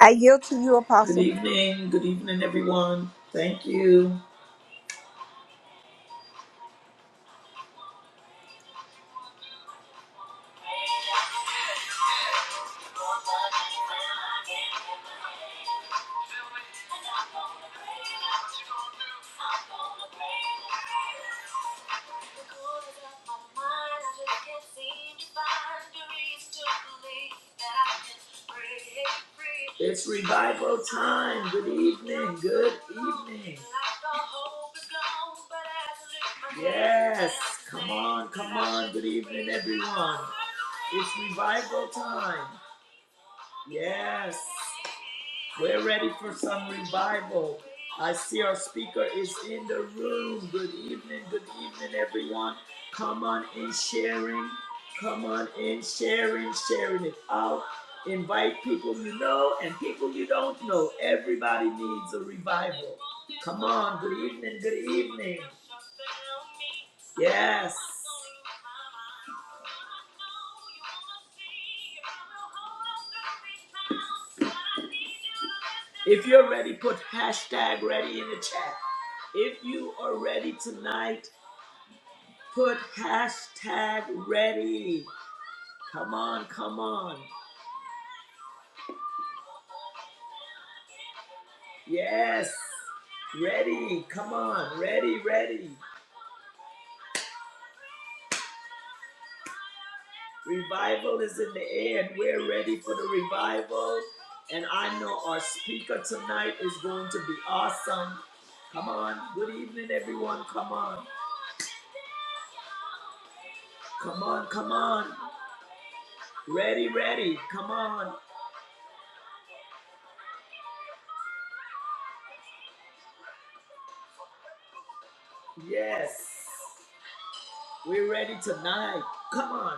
I yield to you, Good Apostle. evening. Good evening, everyone. Thank you. It's revival time. Good evening. Good evening. Yes. Come on. Come on. Good evening, everyone. It's revival time. Yes. We're ready for some revival. I see our speaker is in the room. Good evening, good evening, everyone. Come on in sharing. Come on in sharing, sharing it out. Invite people you know and people you don't know. Everybody needs a revival. Come on, good evening, good evening. Yes. If you're ready, put hashtag ready in the chat. If you are ready tonight, put hashtag ready. Come on, come on. Yes. Ready. Come on. Ready, ready. Revival is in the air and we're ready for the revival. And I know our speaker tonight is going to be awesome. Come on. Good evening, everyone. Come on. Come on, come on. Ready, ready. Come on. Yes. We're ready tonight. Come on.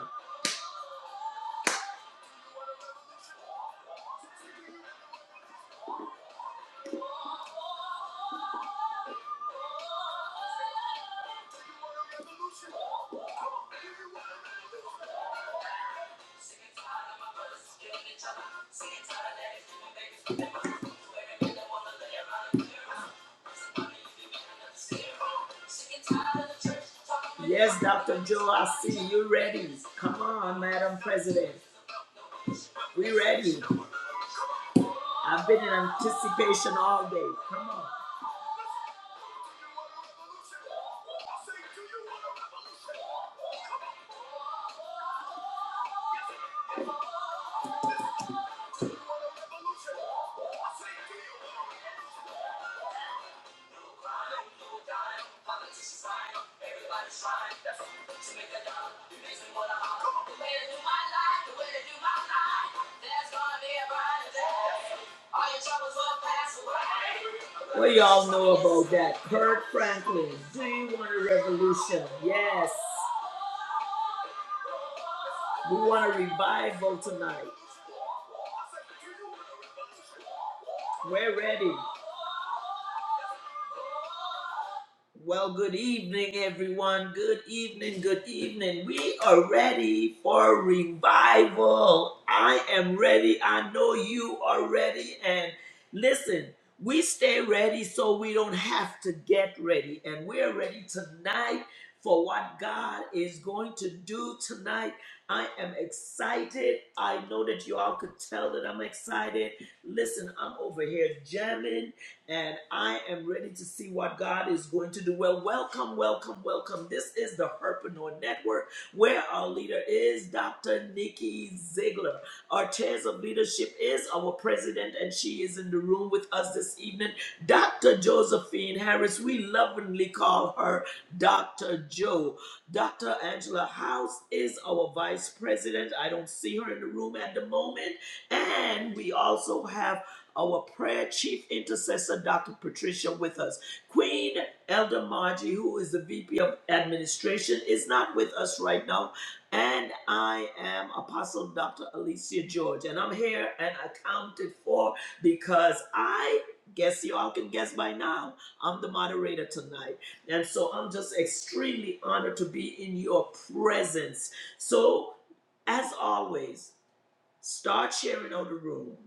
Yes, Dr. Joe, I see you ready. Come on, Madam President. We ready. I've been in anticipation all day. Come on. What do y'all know about that? Kirk Franklin, do you want a revolution? Yes, we want a revival tonight. We're ready. Well, good evening, everyone. Good evening, good evening. We are ready for revival. I am ready. I know you are ready. And listen, we stay ready so we don't have to get ready. And we're ready tonight for what God is going to do tonight. I am excited. I know that you all could tell that I'm excited. Listen, I'm over here jamming and I am ready to see what God is going to do. Well, welcome, welcome, welcome. This is the Herpreneur Network, where our leader is Dr. Nikki Ziegler. Our chairs of leadership is our president, and she is in the room with us this evening, Dr. Josephine Harris. We lovingly call her Dr. Joe. Dr. Angela House is our vice president. I don't see her in the room at the moment. And we also have our prayer chief intercessor, Dr. Patricia, with us. Queen Elder Margie, who is the VP of Administration, is not with us right now. And I am Apostle Dr. Alicia George. And I'm here and accounted for because I guess you all can guess by now, I'm the moderator tonight. And so I'm just extremely honored to be in your presence. So, as always, start sharing out the room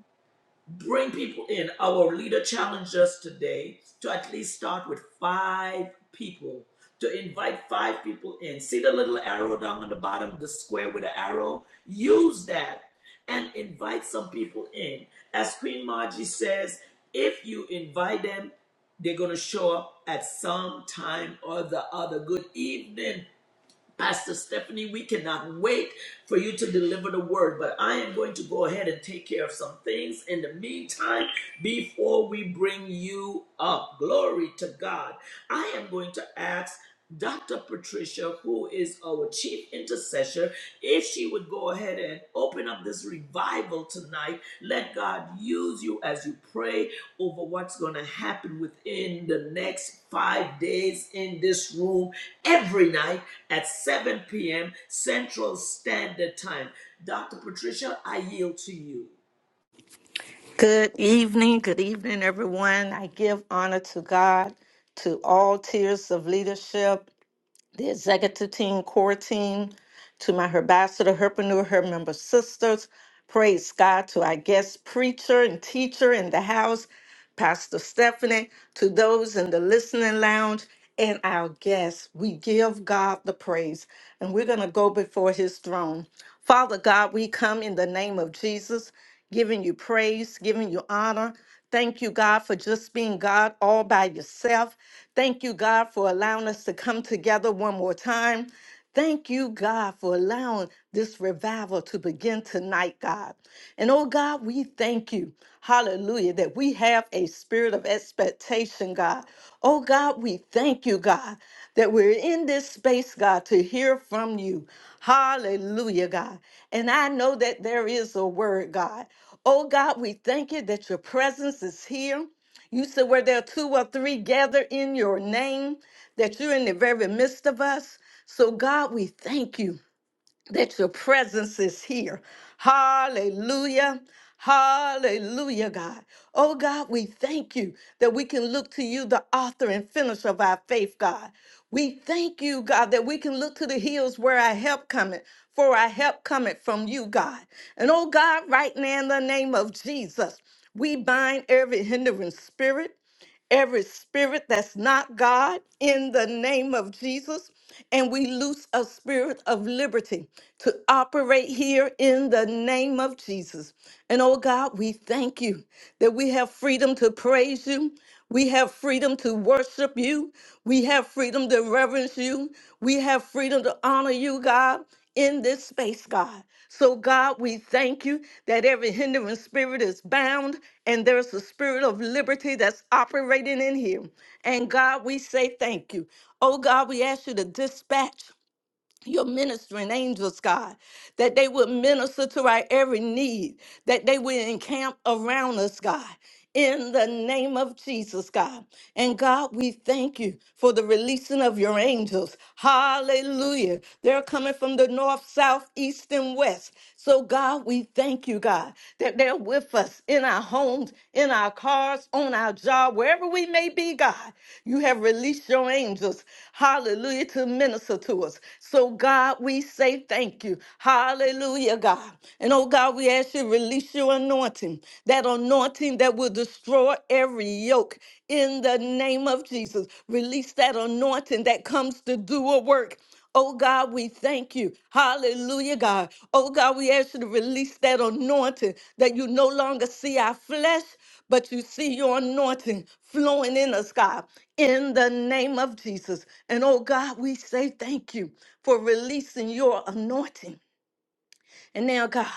Bring people in. Our leader challenged us today to at least start with five people, to invite five people in. See the little arrow down on the bottom of the square with the arrow? Use that and invite some people in. As Queen Margie says, if you invite them, they're going to show up at some time or the other. Good evening, Pastor Stephanie, we cannot wait for you to deliver the word, but I am going to go ahead and take care of some things in the meantime before we bring you up. Glory to God. I am going to ask Dr. Patricia, who is our chief intercessor if she would go ahead and open up this revival tonight, let God use you as you pray over what's going to happen within the next five days in this room every night at 7 p.m. Central Standard Time. Dr. Patricia, I yield to you. Good evening, good evening, everyone. I give honor to God, to all tiers of leadership, the executive team, core team, to my herbassador, herpreneur, her member sisters. Praise God to our guest preacher and teacher in the house, Pastor Stephanie, to those in the listening lounge, and our guests. We give God the praise, and we're going to go before his throne. Father God, we come in the name of Jesus giving you praise, giving you honor. Thank you, God, for just being God all by yourself. Thank you, God, for allowing us to come together one more time. Thank you, God, for allowing this revival to begin tonight, God. And oh, God, we thank you, hallelujah, that we have a spirit of expectation, God. Oh, God, we thank you, God that we're in this space, God, to hear from you. Hallelujah, God. And I know that there is a word, God. Oh, God, we thank you that your presence is here. You said where there are two or three gather in your name, that you're in the very midst of us. So, God, we thank you that your presence is here. Hallelujah. Hallelujah, God. Oh, God, we thank you that we can look to you, the author and finisher of our faith, God. We thank you, God, that we can look to the hills where our help cometh, for our help cometh from you, God. And oh, God, right now in the name of Jesus, we bind every hindering spirit every spirit that's not God in the name of Jesus. And we loose a spirit of liberty to operate here in the name of Jesus. And oh God, we thank you that we have freedom to praise you. We have freedom to worship you. We have freedom to reverence you. We have freedom to honor you, God in this space, God. So, God, we thank you that every hindering spirit is bound and there's a spirit of liberty that's operating in here. And, God, we say thank you. Oh, God, we ask you to dispatch your ministering angels, God, that they would minister to our every need, that they would encamp around us, God. In the name of Jesus, God. And God, we thank you for the releasing of your angels. Hallelujah. They're coming from the north, south, east, and west. So, God, we thank you, God, that there will with us in our homes, in our cars, on our job, wherever we may be, God. You have released your angels, hallelujah, to minister to us. So, God, we say thank you. Hallelujah, God. And oh, God, we ask you to release your anointing, that anointing that will destroy every yoke in the name of Jesus. Release that anointing that comes to do a work. Oh God, we thank you. Hallelujah, God. Oh God, we ask you to release that anointing that you no longer see our flesh, but you see your anointing flowing in us, God, in the name of Jesus. And oh God, we say thank you for releasing your anointing. And now, God,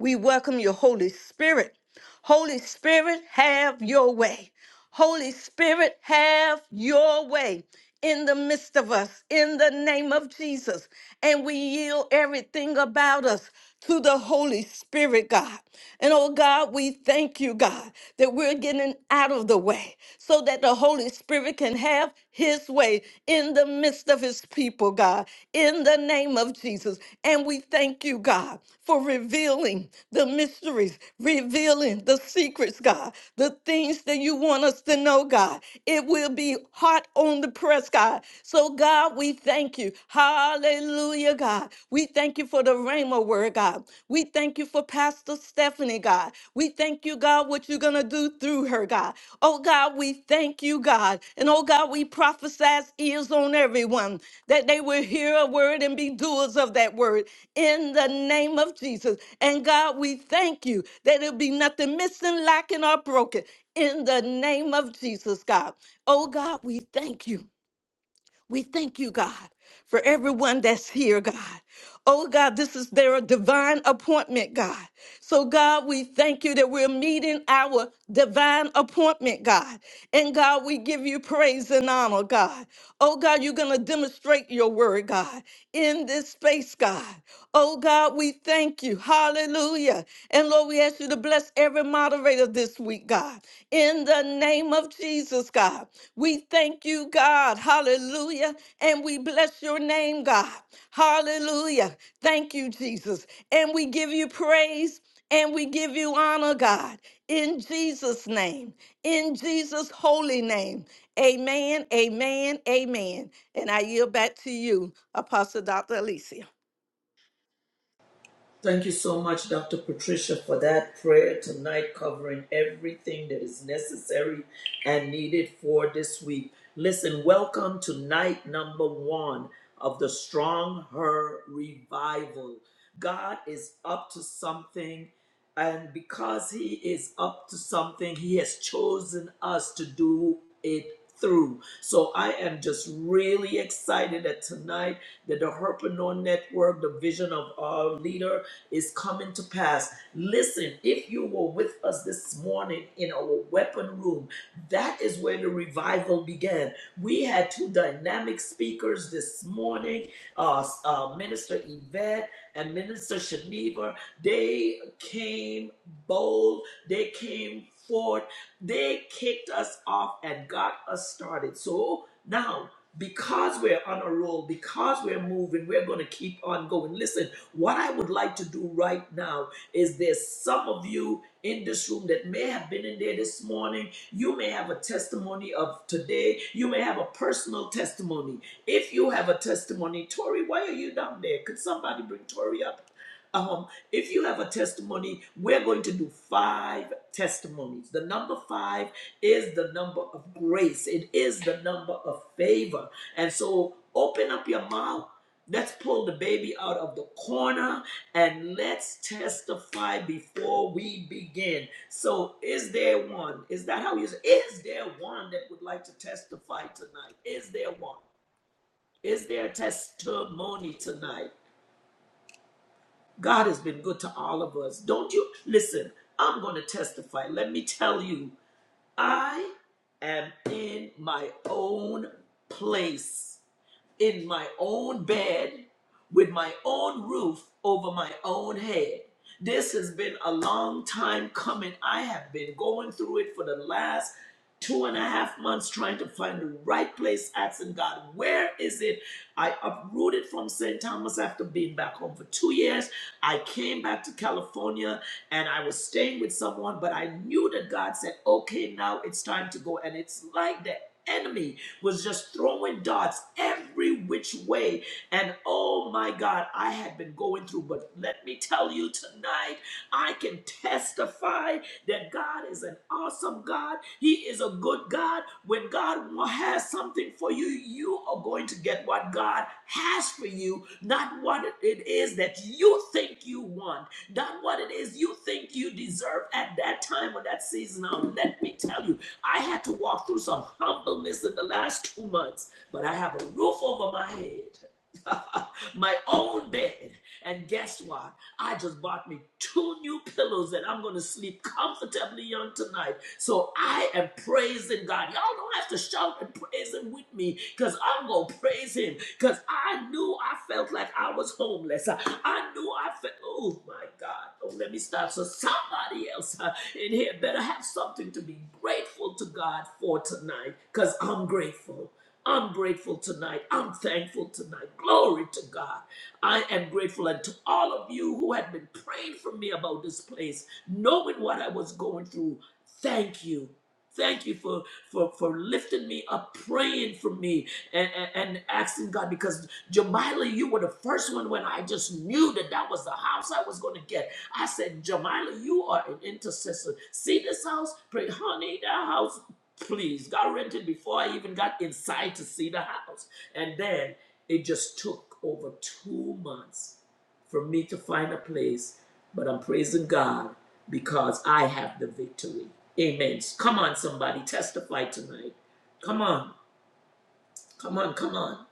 we welcome your Holy Spirit. Holy Spirit, have your way. Holy Spirit, have your way in the midst of us in the name of Jesus. And we yield everything about us to the Holy Spirit, God. And oh God, we thank you, God, that we're getting out of the way so that the Holy Spirit can have his way in the midst of his people, God, in the name of Jesus. And we thank you, God, for revealing the mysteries, revealing the secrets, God, the things that you want us to know, God. God. It will be hot on the press, God. So, God, we thank you. Hallelujah, God. We thank you for the Rhema word, God. We thank you for Pastor Stephanie, God. We thank you, God, what you're going to do through her, God. Oh, God, we thank you, God. And, oh, God, we prophesy ears on everyone that they will hear a word and be doers of that word in the name of Jesus. And, God, we thank you that it'll be nothing missing, lacking, or broken in the name of Jesus, God. Oh, God, we thank you. We thank you, God, for everyone that's here, God. Oh, God, this is their divine appointment, God. So, God, we thank you that we're meeting our divine appointment, God. And, God, we give you praise and honor, God. Oh, God, you're going to demonstrate your word, God, in this space, God. Oh God, we thank you. Hallelujah. And Lord, we ask you to bless every moderator this week, God. In the name of Jesus, God. We thank you, God. Hallelujah. And we bless your name, God. Hallelujah. Thank you, Jesus. And we give you praise and we give you honor, God. In Jesus' name. In Jesus' holy name. Amen, amen, amen. And I yield back to you, Apostle Dr. Alicia. Thank you so much, Dr. Patricia, for that prayer tonight covering everything that is necessary and needed for this week. Listen, welcome to night number one of the Strong Her Revival. God is up to something, and because He is up to something, He has chosen us to do it through. So I am just really excited that tonight that the Herpreneur Network, the vision of our leader, is coming to pass. Listen, if you were with us this morning in our weapon room, that is where the revival began. We had two dynamic speakers this morning uh, uh, Minister Yvette and Minister Shaniva. They came bold, they came forth, they kicked us off and got us started. So now, because we're on a roll, because we're moving, we're going to keep on going. Listen, what I would like to do right now is there's some of you in this room that may have been in there this morning. You may have a testimony of today. You may have a personal testimony. If you have a testimony, Tori, why are you down there? Could somebody bring Tori up? Um, if you have a testimony, we're going to do five testimonies. The number five is the number of grace, it is the number of favor. And so open up your mouth Let's pull the baby out of the corner and let's testify before we begin. So, is there one? Is that how you say? Is there one that would like to testify tonight? Is there one? Is there a testimony tonight? God has been good to all of us. Don't you listen? I'm going to testify. Let me tell you, I am in my own place. in my own bed with my own roof over my own head. This has been a long time coming. I have been going through it for the last two and a half months trying to find the right place, asking God, where is it? I uprooted from St. Thomas after being back home for two years. I came back to California and I was staying with someone, but I knew that God said, okay, now it's time to go. And it's like the enemy was just throwing darts every which way. And oh my God, I had been going through, but let me tell you tonight, I can testify that God is an awesome God. He is a good God. When God has something for you, you are going to get what God has for you, not what it is that you think you want, not what it is you think you deserve at that time or that season. Now, let me tell you, I had to walk through some humbleness in the last two months, but I have a roof over my head, my own bed. And guess what? I just bought me two new pillows that I'm going to sleep comfortably on tonight. So I am praising God. Y'all don't have to shout and praise Him with me because I'm going to praise Him because I knew I felt like I was homeless. I, I knew I felt, oh my God, don't let me stop. So somebody else uh, in here better have something to be grateful to God for tonight because I'm grateful. I'm grateful tonight. I'm thankful tonight. Glory to God. I am grateful. And to all of you who had been praying for me about this place, knowing what I was going through, thank you. Thank you for, for, for lifting me up, praying for me, and, and, and asking God because Jamila, you were the first one when I just knew that that was the house I was going to get. I said, Jamila, you are an intercessor. See this house? Pray, honey, that house, please. Got rented before I even got inside to see the house. And then it just took over two months for me to find a place. But I'm praising God because I have the victory. Amen. Come on, somebody, testify tonight. Come on. Come on, come on.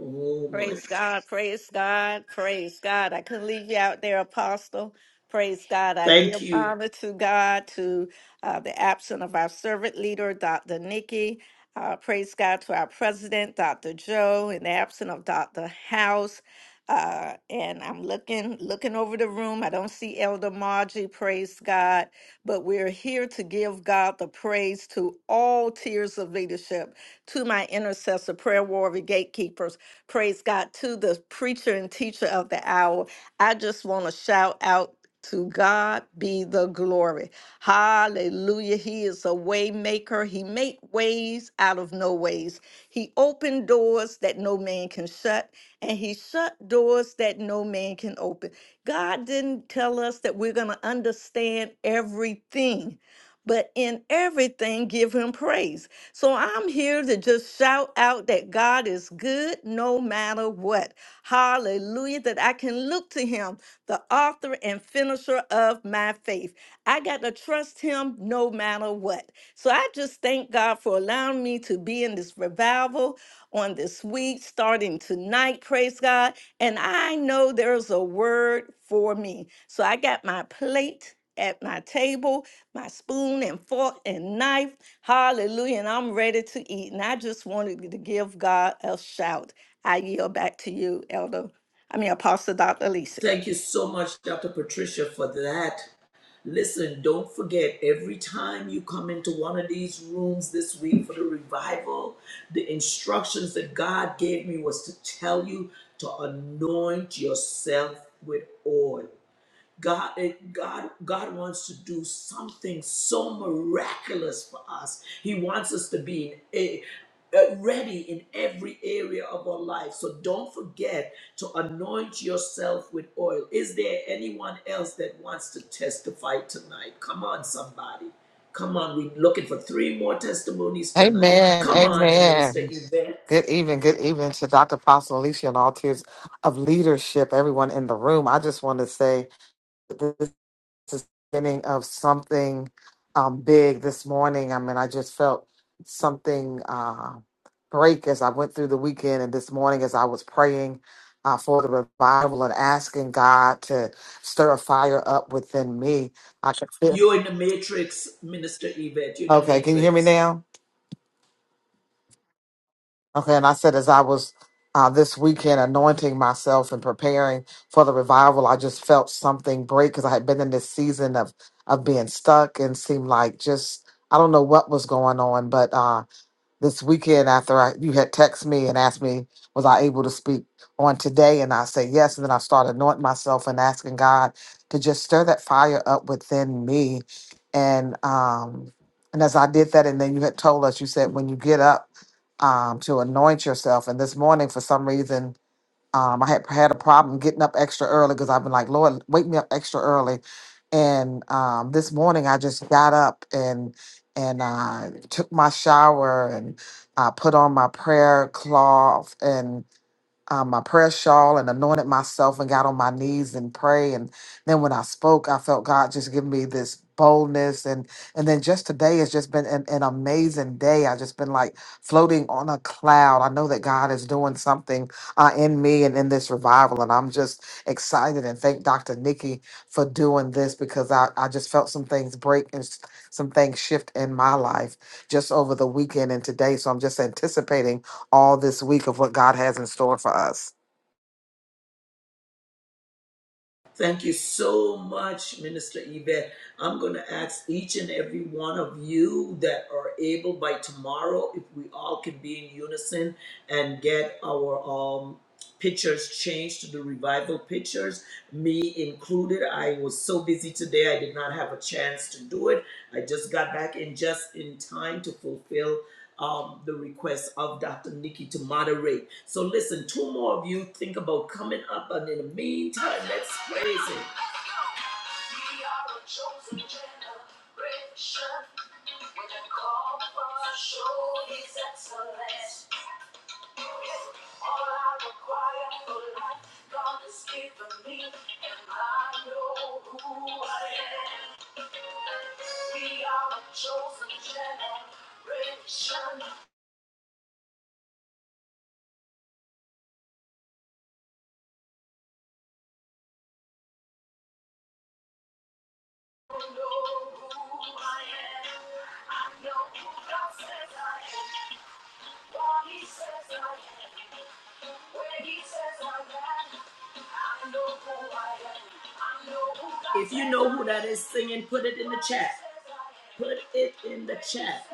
Oh my Praise God, praise God, praise God. I couldn't leave you out there, Apostle. Praise God. I Thank give you. honor to God, to uh, the absent of our servant leader, Dr. Nikki. Uh, praise God to our president, Dr. Joe, in the absent of Dr. House. Uh, and I'm looking looking over the room. I don't see Elder Margie, praise God. But we're here to give God the praise to all tiers of leadership, to my intercessor, prayer warrior, gatekeepers. Praise God to the preacher and teacher of the hour. I just want to shout out to God be the glory. Hallelujah. He is a way maker. He make ways out of no ways. He opened doors that no man can shut, and he shut doors that no man can open. God didn't tell us that we're going to understand everything, but in everything, give him praise. So I'm here to just shout out that God is good no matter what. Hallelujah. That I can look to Him, the author and finisher of my faith. I got to trust Him no matter what. So I just thank God for allowing me to be in this revival on this week, starting tonight. Praise God. And I know there's a word for me. So I got my plate at my table, my spoon and fork and knife. Hallelujah. And I'm ready to eat. And I just wanted to give God a shout. I yield back to you, Elder. I mean, Apostle Dr. Alicia. Thank you so much, Dr. Patricia, for that. Listen, don't forget every time you come into one of these rooms this week for the revival, the instructions that God gave me was to tell you to anoint yourself with oil. God, it, God, God wants to do something so miraculous for us. He wants us to be in a, uh, ready in every area of our life. So don't forget to anoint yourself with oil. Is there anyone else that wants to testify tonight? Come on, somebody. Come on, we're looking for three more testimonies tonight. Amen. Come on, Minister Amen. Yvette. Good evening. Good evening to Dr. Apostle Alicia and all tiers of leadership, everyone in the room. I just want to say that this is the beginning of something um, big this morning. I mean, I just felt something uh, break as I went through the weekend and this morning as I was praying uh, for the revival and asking God to stir a fire up within me. I could feel. You're in the matrix, Minister Yvette. You're in the Okay, can you hear me matrix. now? Okay, and I said as I was uh, this weekend anointing myself and preparing for the revival, I just felt something break because I had been in this season of of being stuck and seemed like just I don't know what was going on, but this weekend after I you had texted me and asked me was I able to speak on today and I said yes and then I started anointing myself and asking God to just stir that fire up within me and um and as I did that and then you had told us you said when you get up um to anoint yourself and this morning for some reason um, I had had a problem getting up extra early because I've been like, Lord, wake me up extra early. And um, this morning I just got up and and uh, took my shower and I put on my prayer cloth and um, my prayer shawl and anointed myself and got on my knees and pray. And then when I spoke, I felt God just give me this boldness. And and then just today has just been an, an amazing day. I just been like floating on a cloud. I know that God is doing something uh, in me and in this revival. And I'm just excited and thank Dr. Nikki for doing this because I, I just felt some things break and s- some things shift in my life just over the weekend and today. So I'm just anticipating all this week of what God has in store for us. Thank you so much, Minister Yvette. I'm going to ask each and every one of you that are able by tomorrow, if we all can be in unison and get our um, pictures changed to the revival pictures, me included. I was so busy today, I did not have a chance to do it. I just got back in just in time to fulfill um, the request of Dr. Nikki to moderate. So, listen, two more of you think about coming up, and in the meantime, let's praise Him. We are a chosen generation with a call for show His excellence. All I require for life, God has given me, and I know who I am. We are a chosen generation who know who I am. I know who God says I am, what He says I am, where He says I am. If you know who that is singing, put it in the chat. Put it in the chat.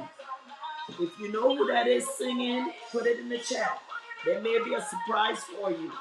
If you know who that is singing, put it in the chat. There may be a surprise for you.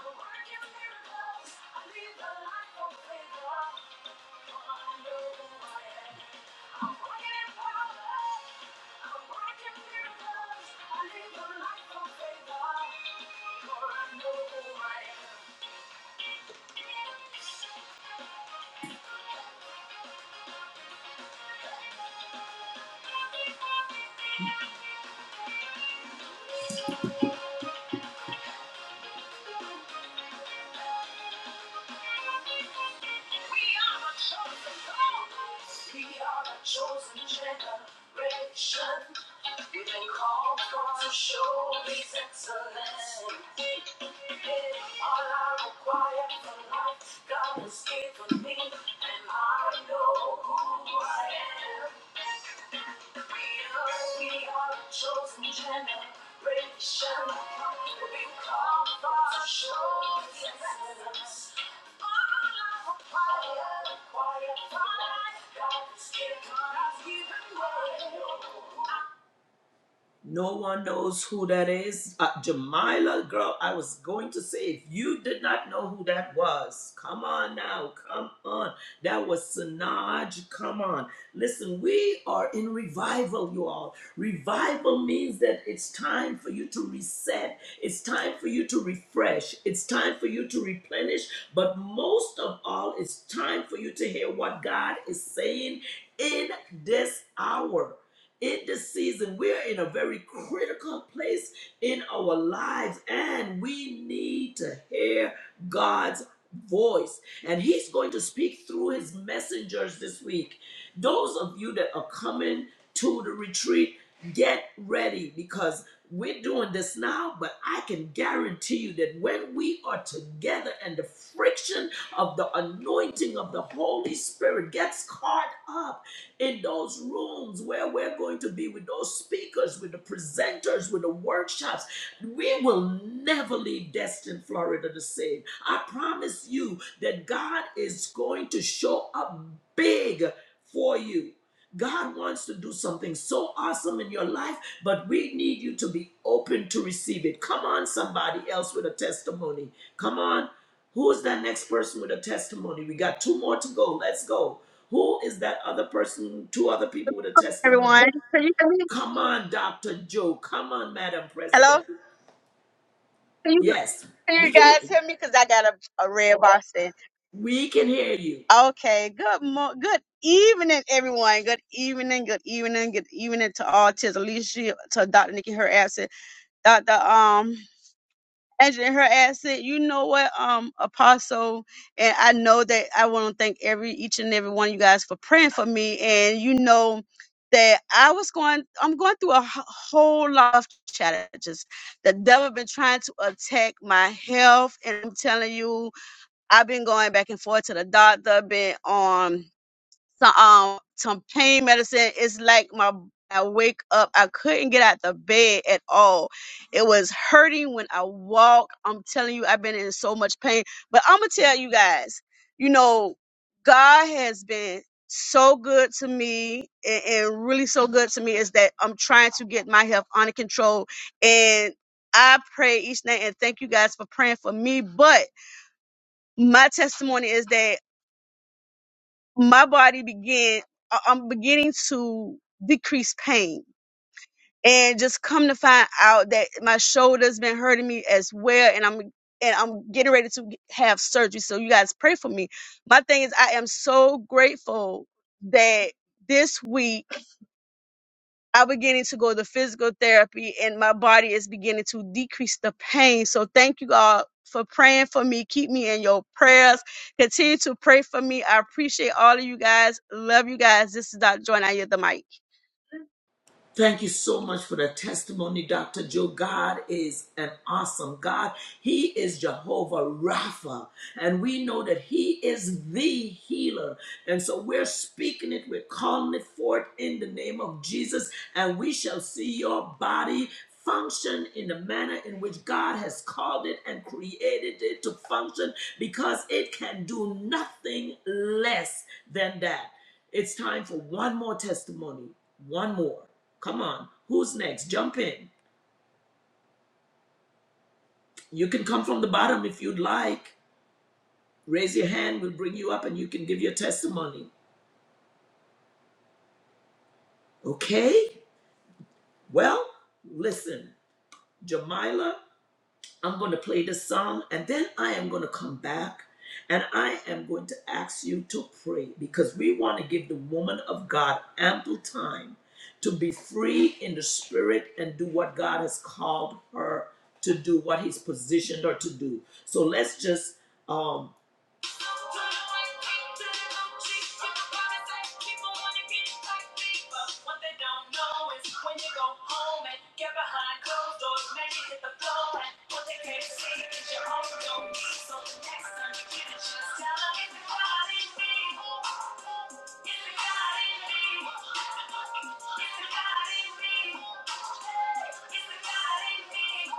We are the chosen chosen generation. We've been called for to show His excellence. All I require for life, God has given me, and I know who I am. We are a chosen generation. We come for to show His presence. All our quiet, quiet pride. God's given us even more. No one knows who that is. Uh, Jamila, girl, I was going to say, if you did not know who that was, come on now, come on. That was Sanaj, come on. Listen, we are in revival, you all. Revival means that it's time for you to reset, it's time for you to refresh, it's time for you to replenish, but most of all, it's time for you to hear what God is saying in this hour in this season, we're in a very critical place in our lives, and we need to hear God's voice. And He's going to speak through His messengers this week. Those of you that are coming to the retreat, get ready because we're doing this now, but I can guarantee you that when we are together and the friction of the anointing of the Holy Spirit gets caught up in those rooms where we're going to be with those speakers, with the presenters, with the workshops. We will never leave Destin, Florida the same. I promise you that God is going to show up big for you. God wants to do something so awesome in your life but we need you to be open to receive it. Come on, somebody else with a testimony. Come on. Who is that next person with a testimony? We got two more to go. Let's go. Who is that other person, two other people with a testimony? everyone. Can you hear me? Come on, Dr. Joe. Come on, Madam President. Hello? Can you, Yes, can we you can guys hear me? Because I got a, a red bar saying. we can hear you. Okay, good mo- good evening, everyone. Good evening, good evening, good evening to all. To Alicia, to Dr. Nikki, her absent. Dr. Um, Angela, her ass "You know what, um, Apostle, and I know that I want to thank every each and every one of you guys for praying for me, and you know that I was going, I'm going through a wh- whole lot of challenges. The devil been trying to attack my health, and I'm telling you, I've been going back and forth to the doctor, been on." So, um some pain medicine. It's like my I wake up, I couldn't get out the bed at all. It was hurting when I walk. I'm telling you, I've been in so much pain. But I'm gonna tell you guys, you know, God has been so good to me and, and really so good to me is that I'm trying to get my health under control. And I pray each night and thank you guys for praying for me. But my testimony is that my body began I- i'm beginning to decrease pain and just come to find out that my shoulder's been hurting me as well and i'm and i'm getting ready to have surgery so you guys pray for me my thing is i am so grateful that this week I'm beginning to go to physical therapy and my body is beginning to decrease the pain. So thank you all for praying for me. Keep me in your prayers. Continue to pray for me. I appreciate all of you guys. Love you guys. This is Dr. Joy. I hear the mic. Thank you so much for the testimony, Dr. Joe. God is an awesome God. He is Jehovah Rapha, and we know that He is the healer. And so we're speaking it, we're calling it forth in the name of Jesus, and we shall see your body function in the manner in which God has called it and created it to function because it can do nothing less than that. It's time for one more testimony. One more. Come on. Who's next? Jump in. You can come from the bottom if you'd like. Raise your hand. We'll bring you up and you can give your testimony. Okay? Well, listen. Jamila I'm going to play this song and then I am going to come back and I am going to ask you to pray because we want to give the woman of God ample time to be free in the spirit and do what God has called her to do, what He's positioned her to do. So let's just um, it's the God in me.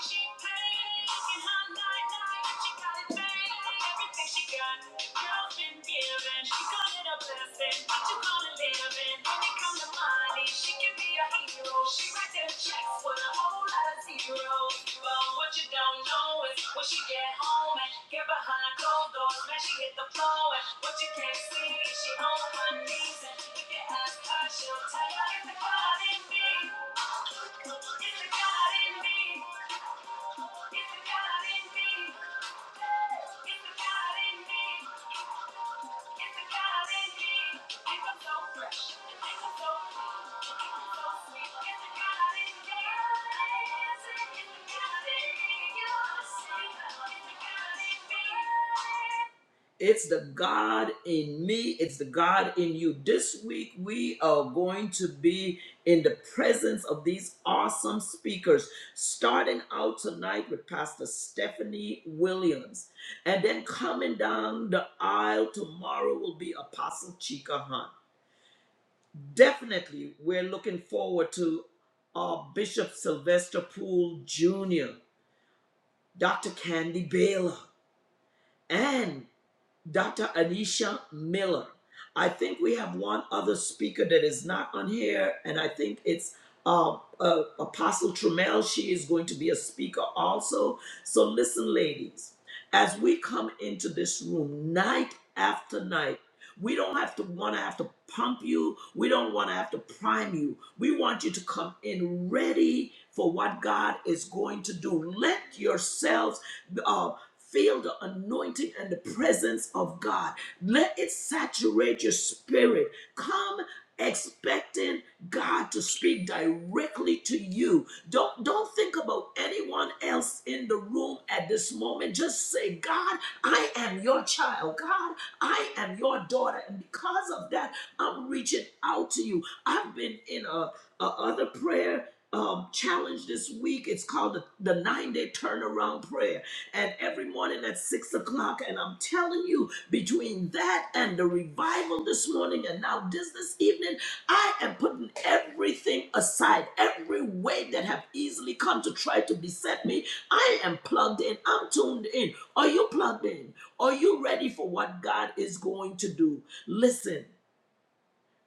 She paid, look at her night night, she got it made. Everything she got girls been giving. She called it a blessing. What you call it living? When it comes to money, she can be a hero. She write them checks with a whole lot of zeros. But what you don't know is when she get home and get behind closed doors, man, she hit the floor. And what you can't see, is she on her knees. And if you ask her, she'll tell you it's the God in me. It's the God in me. It's the God in me. It's the God in me. It's the God in me. Think I'm so fresh. Think I'm so clean. Think I'm so sweet. It's the God in me. It's the God in me. You see. It's the God in me. It's the God in me. It's the God in you. This week, we are going to be in the presence of these awesome speakers, starting out tonight with Pastor Stephanie Williams. And then coming down the aisle tomorrow will be Apostle Chika Hunt. Definitely, we're looking forward to our Bishop Sylvester Poole Jr., Dr. Candy Baylor, and Dr. Anisha Miller. I think we have one other speaker that is not on here, and I think it's uh, uh, Apostle Trammell. She is going to be a speaker also. So, listen, ladies, as we come into this room night after night, we don't have to want to have to pump you. We don't want to have to prime you. We want you to come in ready for what God is going to do. Let yourselves uh, Feel the anointing and the presence of God. Let it saturate your spirit. Come expecting God to speak directly to you. Don't don't think about anyone else in the room at this moment. Just say, "God, I am your child. God, I am your daughter." And because of that, I'm reaching out to you. I've been in a, a other prayer um, challenge this week. It's called the, the nine day turnaround prayer and every morning at six o'clock. And I'm telling you, between that and the revival this morning and now this this evening, I am putting everything aside, every way that have easily come to try to beset me. I am plugged in. I'm tuned in. Are you plugged in? Are you ready for what God is going to do? Listen,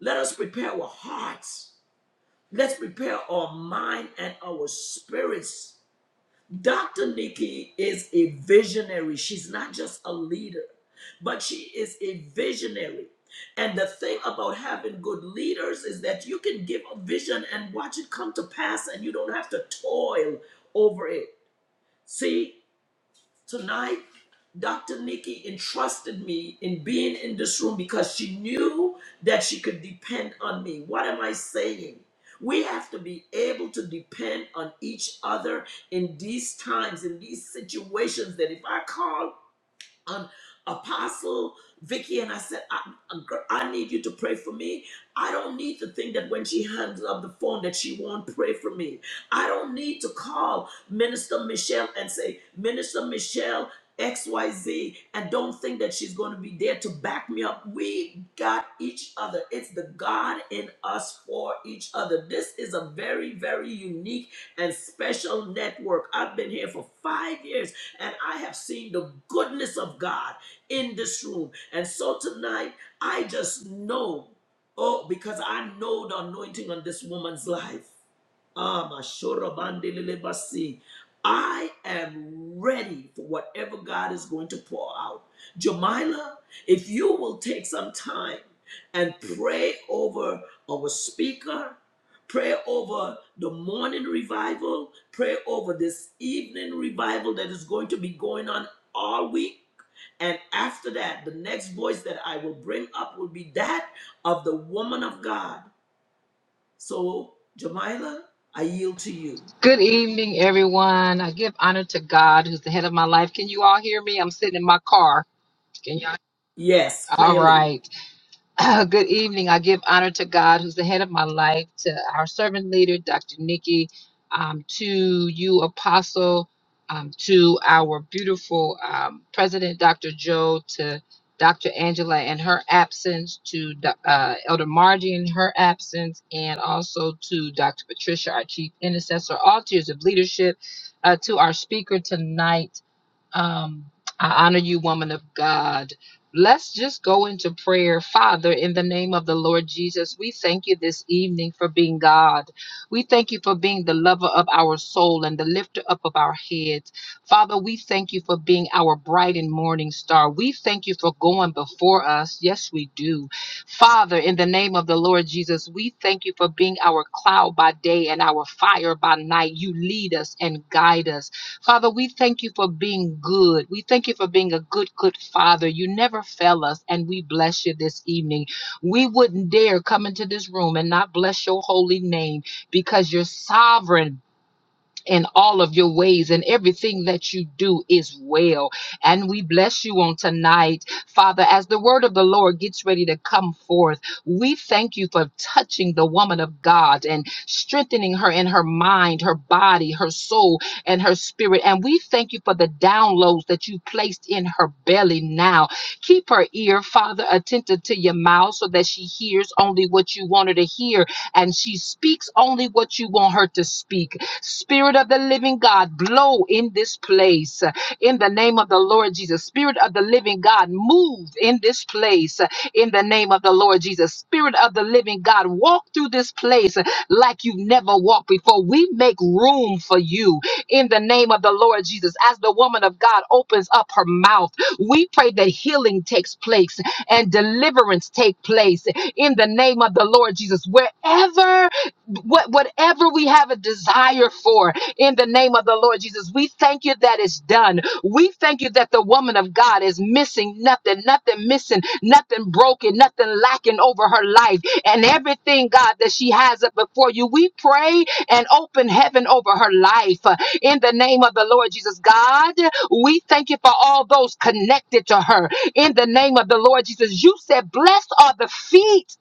let us prepare our hearts. Let's prepare our mind and our spirits Dr. Nikki is a visionary. She's not just a leader, but she is a visionary. And the thing about having good leaders is that you can give a vision and watch it come to pass, and you don't have to toil over it. See, Tonight, Dr. Nikki entrusted me in being in this room because she knew that she could depend on me. What am I saying? We have to be able to depend on each other in these times, in these situations. That if I call um, Apostle Vicky, and I said, I, I need you to pray for me. I don't need to think that when she hangs up the phone that she won't pray for me. I don't need to call Minister Michelle and say, Minister Michelle, XYZ, and don't think that she's going to be there to back me up. We got each other. It's the God in us for each other. This is a very, very unique and special network. I've been here for five years and I have seen the goodness of God in this room. And so tonight, I just know, oh, because I know the anointing on this woman's life. Ah, Mashorobandelelebasi. I am ready for whatever God is going to pour out. Jamila, if you will take some time and pray over our speaker, pray over the morning revival, pray over this evening revival that is going to be going on all week. And after that, the next voice that I will bring up will be that of the woman of God. So, Jamila, I yield to you. Good evening, everyone. I give honor to God, who's the head of my life. Can you all hear me? I'm sitting in my car. Can y'all? Yes, All clearly. right. Uh, good evening. I give honor to God, who's the head of my life, to our servant leader, Dr. Nikki, um, to you, Apostle, um, to our beautiful um, President, Dr. Joe, to Dr. Angela and her absence, to Do- uh, Elder Margie in her absence, and also to Dr. Patricia, our chief intercessor, all tiers of leadership, uh, to our speaker tonight. Um, I honor you, woman of God. Let's just go into prayer. Father, in the name of the Lord Jesus, we thank you this evening for being God. We thank you for being the lover of our soul and the lifter up of our heads. Father, we thank you for being our bright and morning star. We thank you for going before us. Yes, we do. Father, in the name of the Lord Jesus, we thank you for being our cloud by day and our fire by night. You lead us and guide us. Father, we thank you for being good. We thank you for being a good, good Father. You never fail us, and we bless you this evening. We wouldn't dare come into this room and not bless your holy name because you're sovereign in all of your ways and everything that you do is well. And we bless you on tonight, Father, as the word of the Lord gets ready to come forth. We thank you for touching the woman of God and strengthening her in her mind, her body, her soul, and her spirit. And we thank you for the downloads that you placed in her belly now Keep her ear, Father, attentive to your mouth so that she hears only what you want her to hear and she speaks only what you want her to speak. Spirit of the living God, blow in this place in the name of the Lord Jesus. Spirit of the living God, move in this place in the name of the Lord Jesus. Spirit of the living God, walk through this place like you've never walked before. We make room for you in the name of the Lord Jesus. As the woman of God opens up her mouth, we pray that healing takes place and deliverance take place in the name of the Lord Jesus. Wherever, what, whatever we have a desire for, in the name of the Lord Jesus, we thank you that it's done. We thank you that the woman of God is missing nothing, nothing missing, nothing broken, nothing lacking over her life, and everything, God, that she has up before you. We pray and open heaven over her life uh, in the name of the Lord Jesus, God. We thank you for all those connected to her in the name of the Lord Jesus. You said, Blessed are the feet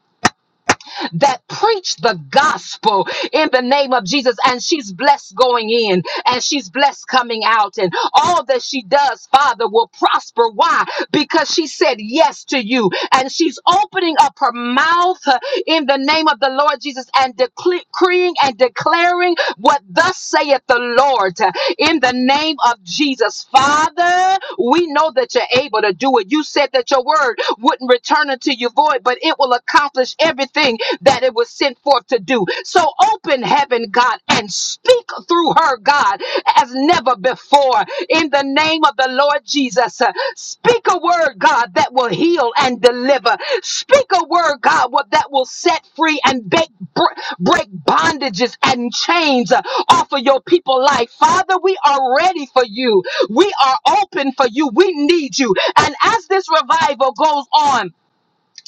that preach the gospel in the name of Jesus. And she's blessed going in and she's blessed coming out. And all that she does, Father, will prosper. Why? Because she said yes to you and she's opening up her mouth uh, in the name of the Lord Jesus and decreeing and declaring what thus saith the Lord uh, in the name of Jesus. Father, uh, We know that you're able to do it. You said that your word wouldn't return unto you void, but it will accomplish everything that it was sent forth to do. So open heaven, God, and speak through her, God, as never before. In the name of the Lord Jesus, uh, speak a word, God, that will heal and deliver. Speak a word, God, what that will set free and bake, br- break bondages and chains uh, off of your people life. Father, we are ready for you. We are open for you. We need you. And as this revival goes on,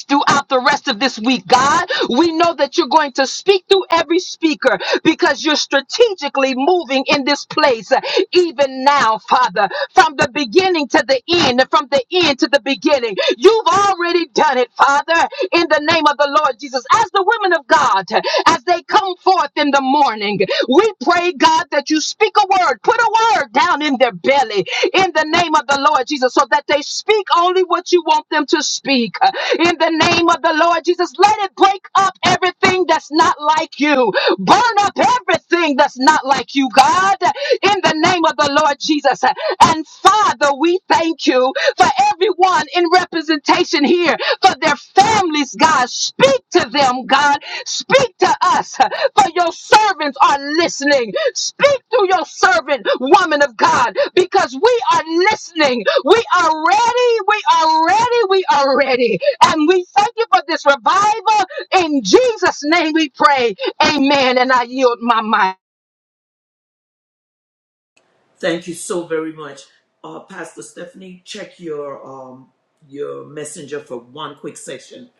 throughout the rest of this week, God. We know that you're going to speak through every speaker because you're strategically moving in this place, uh, even now, Father, from the beginning to the end, from the end to the beginning. You've already done it, Father, in the name of the Lord Jesus. As the women of God, as they come forth in the morning, we pray, God, that you speak a word, put a word down in their belly in the name of the Lord Jesus so that they speak only what you want them to speak. Uh, In the name of the Lord Jesus, let it break up everything that's not like you. Burn up everything that's not like you, God, in the name of the Lord Jesus. And Father, we thank you for everyone in representation here, for their families, God. Speak to them, God. Speak to us for your servants are listening. Speak through your servant, woman of God, because we are listening. We are ready. We are ready. We are ready. And we thank you for this revival. In Jesus' name we pray. Amen. And I yield my mind. Thank you so very much. Uh, Pastor Stephanie, check your um, your messenger for one quick section.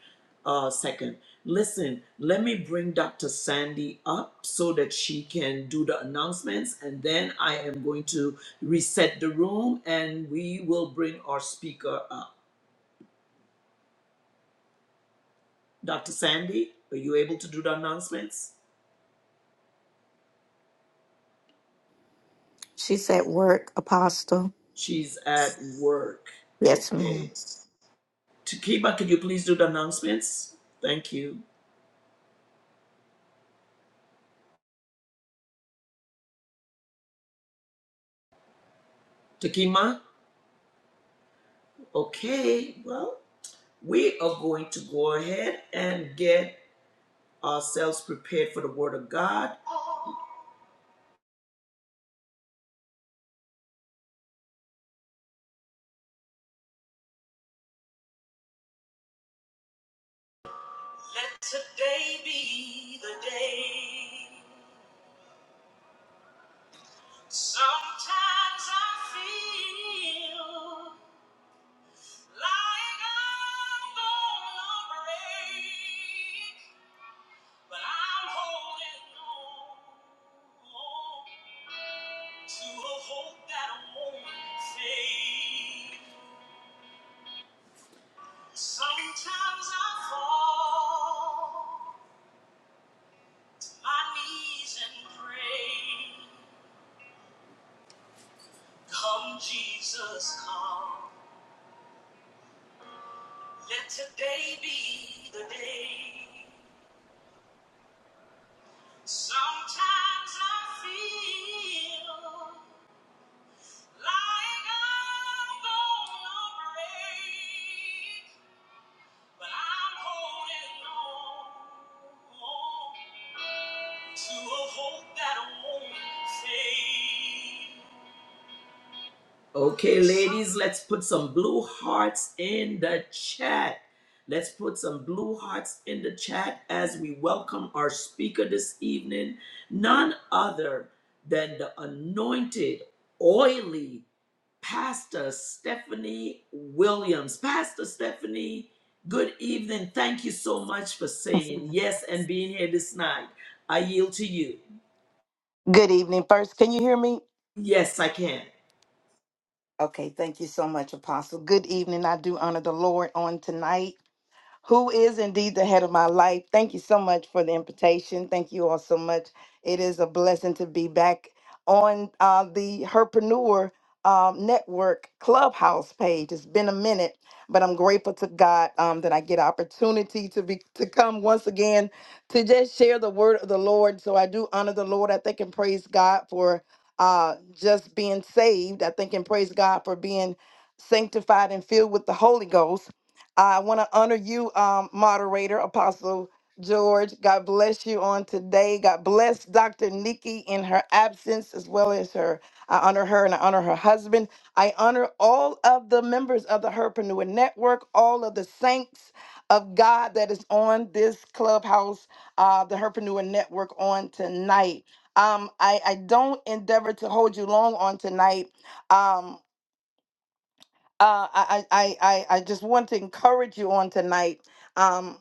Uh, second, listen. Let me bring Dr. Sandy up so that she can do the announcements, and then I am going to reset the room, and we will bring our speaker up. Dr. Sandy, are you able to do the announcements? She's at work, Apostle. She's at work. Yes, ma'am. Okay. Takiba, could you please do the announcements? Thank you. Takima? Okay, well, we are going to go ahead and get ourselves prepared for the Word of God. Let today be the day. Sometimes I feel like I'm gonna break, but I'm holding on to a hope that won't fade. Sometimes I fall to my knees and pray. Come, Jesus, come. Let today be the day. Sometimes I feel like I'm gonna break, but I'm holding on to a hope that won't fade. Okay, ladies, let's put some blue hearts in the chat. Let's put some blue hearts in the chat as we welcome our speaker this evening, none other than the anointed, oily Pastor Stephanie Williams. Pastor Stephanie, good evening. Thank you so much for saying yes and being here this night. I yield to you. Good evening. First, can you hear me? Yes, I can. Okay, thank you so much, Apostle. Good evening. I do honor the Lord on tonight. who is indeed the head of my life. Thank you so much for the invitation. Thank you all so much. It is a blessing to be back on uh, the Herpreneur um, Network Clubhouse page. It's been a minute, but I'm grateful to God um, that I get opportunity to be to come once again to just share the word of the Lord. So I do honor the Lord. I thank and praise God for uh, just being saved. I thank and praise God for being sanctified and filled with the Holy Ghost. I want to honor you, um, moderator, Apostle George. God bless you on today. God bless Dr. Nikki in her absence as well as her. I honor her and I honor her husband. I honor all of the members of the Herpreneur Network, all of the saints of God that is on this clubhouse, uh, the Herpreneur Network on tonight. Um, I, I don't endeavor to hold you long on tonight. Um, uh, I, I, I, I I just want to encourage you on tonight. Um,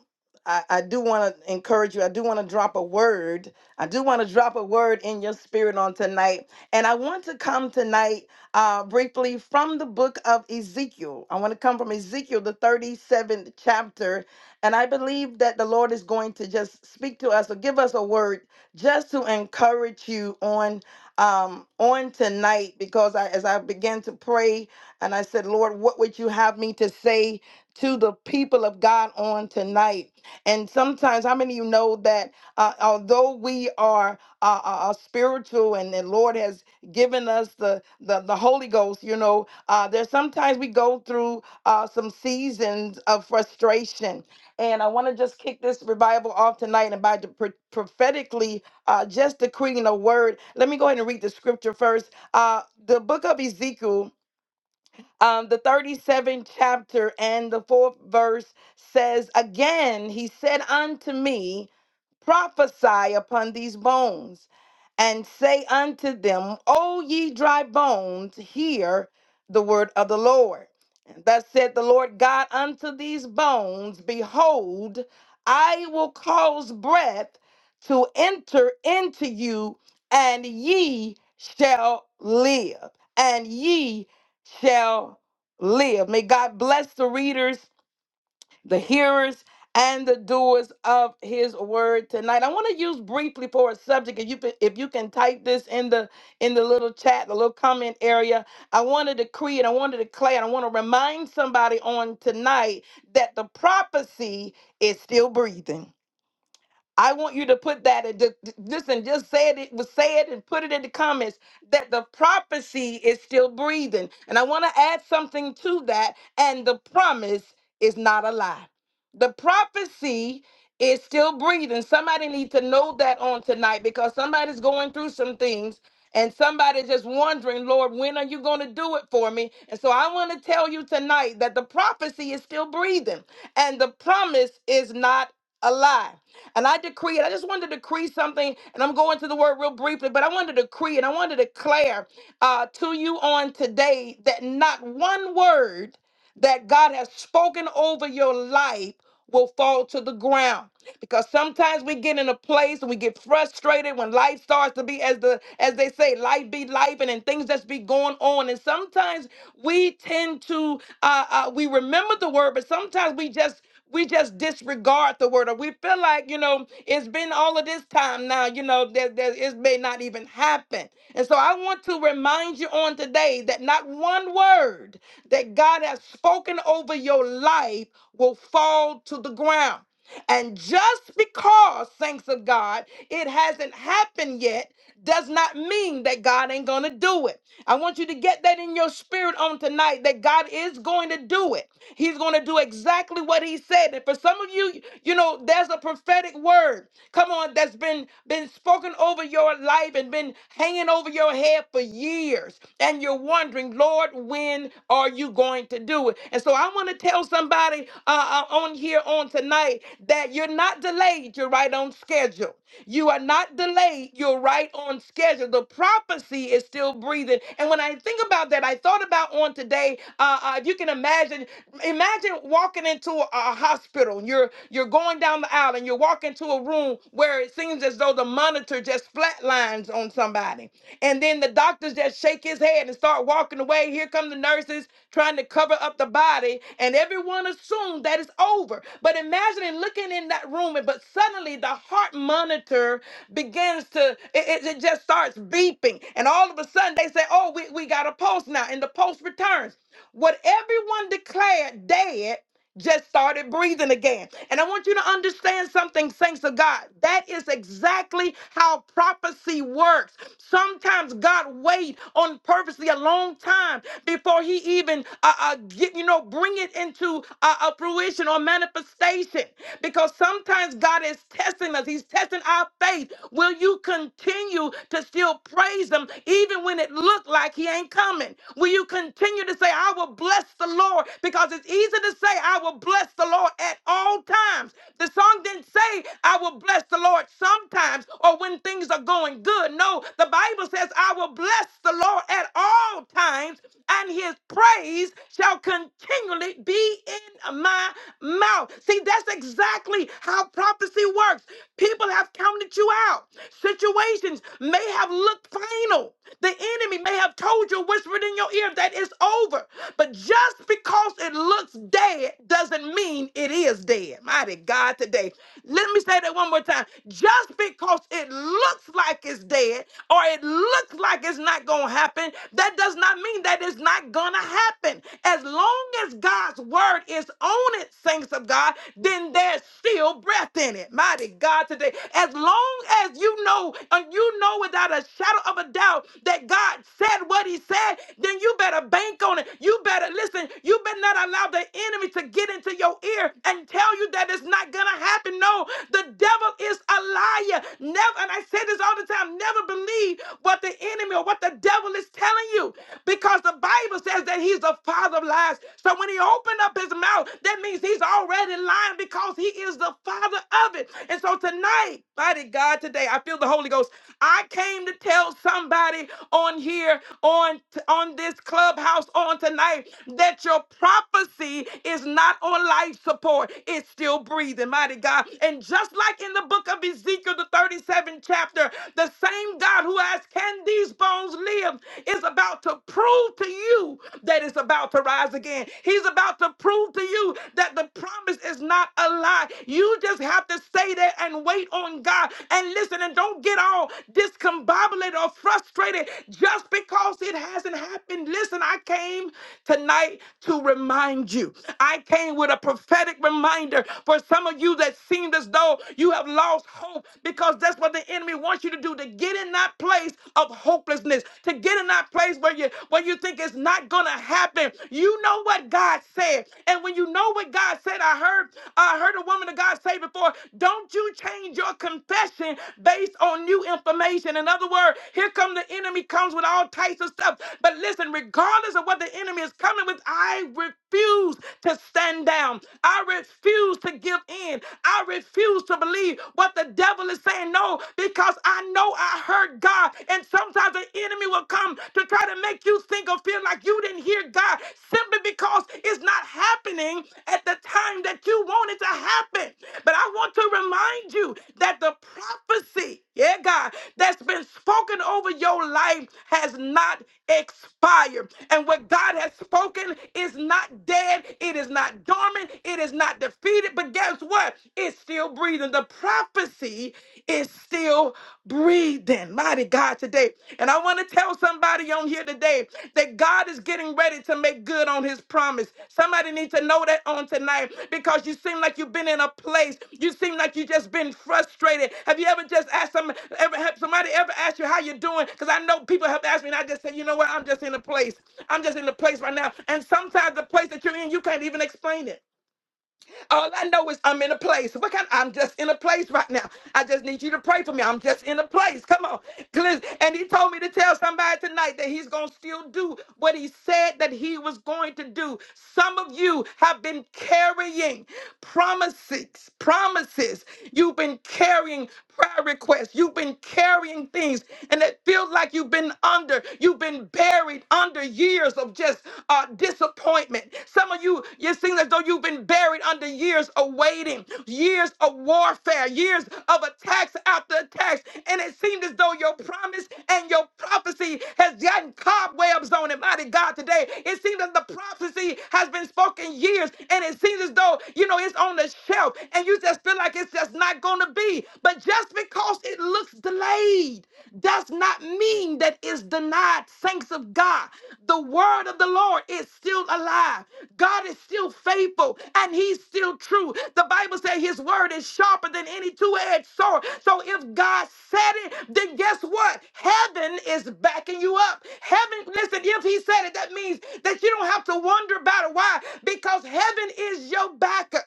I, I do want to encourage you. I do want to drop a word. I do want to drop a word in your spirit on tonight. And I want to come tonight uh, briefly from the book of Ezekiel. I want to come from Ezekiel, the 37th chapter. And I believe that the Lord is going to just speak to us or give us a word just to encourage you on um, on tonight because I, as I began to pray and I said, Lord, what would you have me to say to the people of God on tonight? And sometimes, how many of you know that uh, although we are uh, uh, uh, spiritual and the Lord has given us the, the, the Holy Ghost, you know, uh, there's sometimes we go through uh, some seasons of frustration. And I want to just kick this revival off tonight and by the pro- prophetically uh, just decreeing a word. Let me go ahead and read the scripture first. Uh, the book of Ezekiel um, the 37th chapter and the fourth verse says, Again, he said unto me, Prophesy upon these bones, and say unto them, O ye dry bones, hear the word of the Lord. And thus said the Lord God unto these bones, Behold, I will cause breath to enter into you, and ye shall live, and ye shall live. May God bless the readers, the hearers, and the doers of His word tonight. I want to use briefly for a subject. If you can- if you can type this in the in the little chat, the little comment area, I want to decree and I want to declare and I want to remind somebody on tonight that the prophecy is still breathing I want you to put that in. the- Listen, just say it. It was said and put it in the comments that the prophecy is still breathing. And I want to add something to that. And the promise is not a lie. The prophecy is still breathing. Somebody needs to know that on tonight because somebody's going through some things. And somebody's just wondering, Lord, when are you going to do it for me? And so I want to tell you tonight that the prophecy is still breathing and the promise is not a lie. And I decree it. I just wanted to decree something, and I'm going to the word real briefly, but I wanted to decree and I wanted to declare uh, to you on today that not one word that God has spoken over your life will fall to the ground because sometimes we get in a place and we get frustrated when life starts to be as the as they say life be life and, and things just be going on and sometimes we tend to uh, uh we remember the word but sometimes we just we just disregard the word or we feel like you know it's been all of this time now you know that, that it may not even happen and so i want to remind you on today that not one word that god has spoken over your life will fall to the ground and just because, thanks of God, it hasn't happened yet does not mean that God ain't going to do it. I want you to get that in your spirit on tonight that God is going to do it. He's going to do exactly what he said. And for some of you, you know, there's a prophetic word, come on, that's been been spoken over your life and been hanging over your head for years, and you're wondering, Lord, when are you going to do it? And so I want to tell somebody uh, uh, on here on tonight that you're not delayed. You're right on schedule. You are not delayed. You're right on schedule. The prophecy is still breathing. And when I think about that, I thought about on today. Uh, uh, if you can imagine Imagine walking into a, a hospital. and You're you're going down the aisle and you walk into a room where it seems as though the monitor just flatlines on somebody, and then the doctors just shake his head and start walking away. Here come the nurses trying to cover up the body, and everyone assumed that it's over. But imagining looking in that room, and but suddenly the heart monitor begins to it, it it just starts beeping, and all of a sudden they say, "Oh, we we got a pulse now," and the pulse returns. What everyone declared dead just started breathing again. And I want you to understand something, thanks to God. That is exactly how prophecy works. Sometimes God wait on purposely a long time before He even uh, uh, get, you know bring it into uh, a fruition or manifestation. Because sometimes God is testing us. He's testing our faith. Will you continue to still praise Him even when it looked like He ain't coming? Will you continue to say, "I will bless the Lord"? Because it's easy to say, "I will." I will bless the Lord at all times. The song didn't say, I will bless the Lord sometimes or when things are going good. No, the Bible says, I will bless the Lord at all times, and his praise shall continually be in my mouth. See, that's exactly how prophecy works. People have counted you out. Situations may have looked final. The enemy may have told you, whispered in your ear, that it's over. But just because it looks dead doesn't mean it is dead. Mighty God, today. Let me say that one more time. Just because it looks like it's dead or it looks like it's not going to happen, that does not mean that it's not going to happen. As long as God's word is on it, saints of God, then there's still breath in it. Mighty God, today. As long as you know, and you know without a shadow of a doubt that God said what he said, then you better bank on it. You better listen. You better not allow the enemy to get into it into your ear and tell you that it's not going to happen. No, the devil is a liar. Never, and I say this all the time, never believe what the enemy or what the devil is telling you because the Bible says that he's the father of lies. So when he opened up his mouth, that means he's already lying because he is the father of it. And so tonight, mighty God, today I feel the Holy Ghost. I came to tell somebody on here, on on this clubhouse, on tonight, that your prophecy is not on life support is still breathing, mighty God. And just like in the book of Ezekiel, the 37th chapter, the same God who asked, Can these bones live? is about to prove to you that it's about to rise again. He's about to prove to you that the promise is not a lie. You just have to stay there and wait on God. And listen, and don't get all discombobulated or frustrated just because it hasn't happened. Listen, I came tonight to remind you. I came with a prophetic reminder for some of you that seemed as though you have lost hope because that's what the enemy wants you to do to get in that place of hopelessness, to get in that place where you where you think it's not gonna happen. You know what God said. And when you know what God said, I heard I heard a woman of God say before, don't you change your confession based on new information. In other words, here come the enemy comes with all types of stuff. But listen, regardless of what the enemy is coming with, I refuse to stand down down. I refuse to give in. I refuse to believe what the devil is saying. No, because I know I heard God. And sometimes the enemy will come to try to make you think or feel like you didn't hear God simply because it's not happening at the time that you want it to happen. But I want to remind you that the prophecy, yeah, God, that's been spoken over your life has not expired. And what God has spoken is not dead, it is not dormant dormant, it is not defeated, but guess what? It's still breathing. The prophecy is still breathing. Mighty God today. And I want to tell somebody on here today that God is getting ready to make good on his promise. Somebody needs to know that on tonight because you seem like you've been in a place. You seem like you just been frustrated. Have you ever just asked some, ever, have somebody ever asked you how you're doing? Because I know people have asked me and I just say, you know what? I'm just in a place. I'm just in a place right now. And sometimes the place that you're in, you can't even explain it. All I know is I'm in a place. What kind? I'm just in a place right now. I just need you to pray for me. I'm just in a place. Come on, Listen, and He told me to tell somebody tonight that He's gonna still do what He said that He was going to do. Some of you have been carrying promises, promises. You've been carrying prayer requests. You've been carrying things, and it feels like you've been under. You've been buried under years of just uh, disappointment. Some of you, you seem as though you've been buried under years of waiting, years of warfare, years of attacks after attacks. And it seemed as though your promise and your prophecy has gotten cobwebs on it. Mighty God, today, it seems that the prophecy has been spoken years and it seems as though, you know, it's on the shelf and you just feel like it's just not going to be. But just because it looks delayed does not mean that it's denied, saints of God. The word of the Lord is still alive. God is still faithful faithful and he's still true. The Bible says his word is sharper than any two-edged sword. So if God said it, then guess what? Heaven is backing you up. Heaven, listen, if he said it, that means that you don't have to wonder about it. Why? Because heaven is your backer.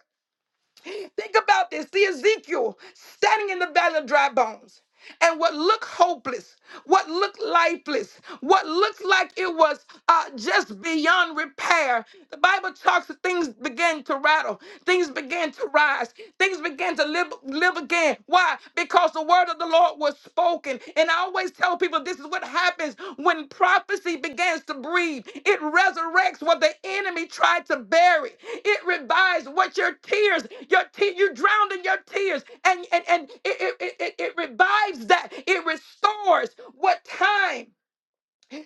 Think about this. See Ezekiel standing in the valley of dry bones. And what looked hopeless, what looked lifeless, what looked like it was uh, just beyond repair. The Bible talks that things began to rattle, things began to rise, things began to live, live again. Why? Because the word word of the Lord was spoken. And I always tell people this is what happens when prophecy begins to breathe. It resurrects what the enemy tried to bury. It revives what your tears, your te- you drowned in your tears, and and and it, it, it, it revives that. It restores what time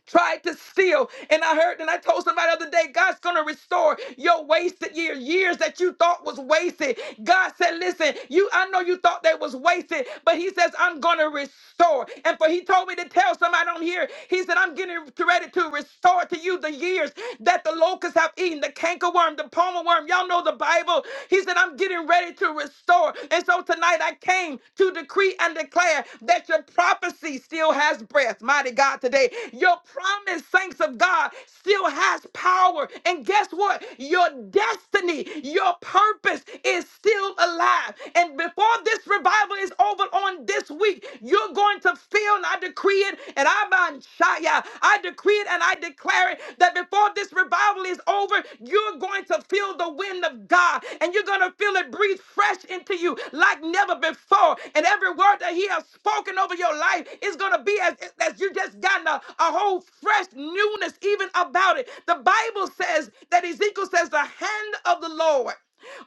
tried to steal. And I heard, and I told somebody the other day, God's going to restore your wasted years, years that you thought was wasted. God said, listen, you, I know you thought they was wasted, but he says, I'm going to restore. And for he told me to tell somebody on here, he said, I'm getting ready to restore to you the years that the locusts have eaten, the cankerworm, the palmer worm. Y'all know the Bible. He said, I'm getting ready to restore. And so tonight I came to decree and declare that your prophecies he still has breath. Mighty God, today, your promise, saints of God, still has power. And guess what? Your destiny, your purpose is still alive. And before this revival is over on this week, you're going to feel, and I decree it, and I'm on Shia. I decree it and I declare it that before this revival is over, you're going to feel the wind of God and you're going to feel it breathe fresh into you like never before. And every word that He has spoken over your life is going to be as, as you just gotten a, a whole fresh newness even about it. The Bible says that Ezekiel says, The hand of the Lord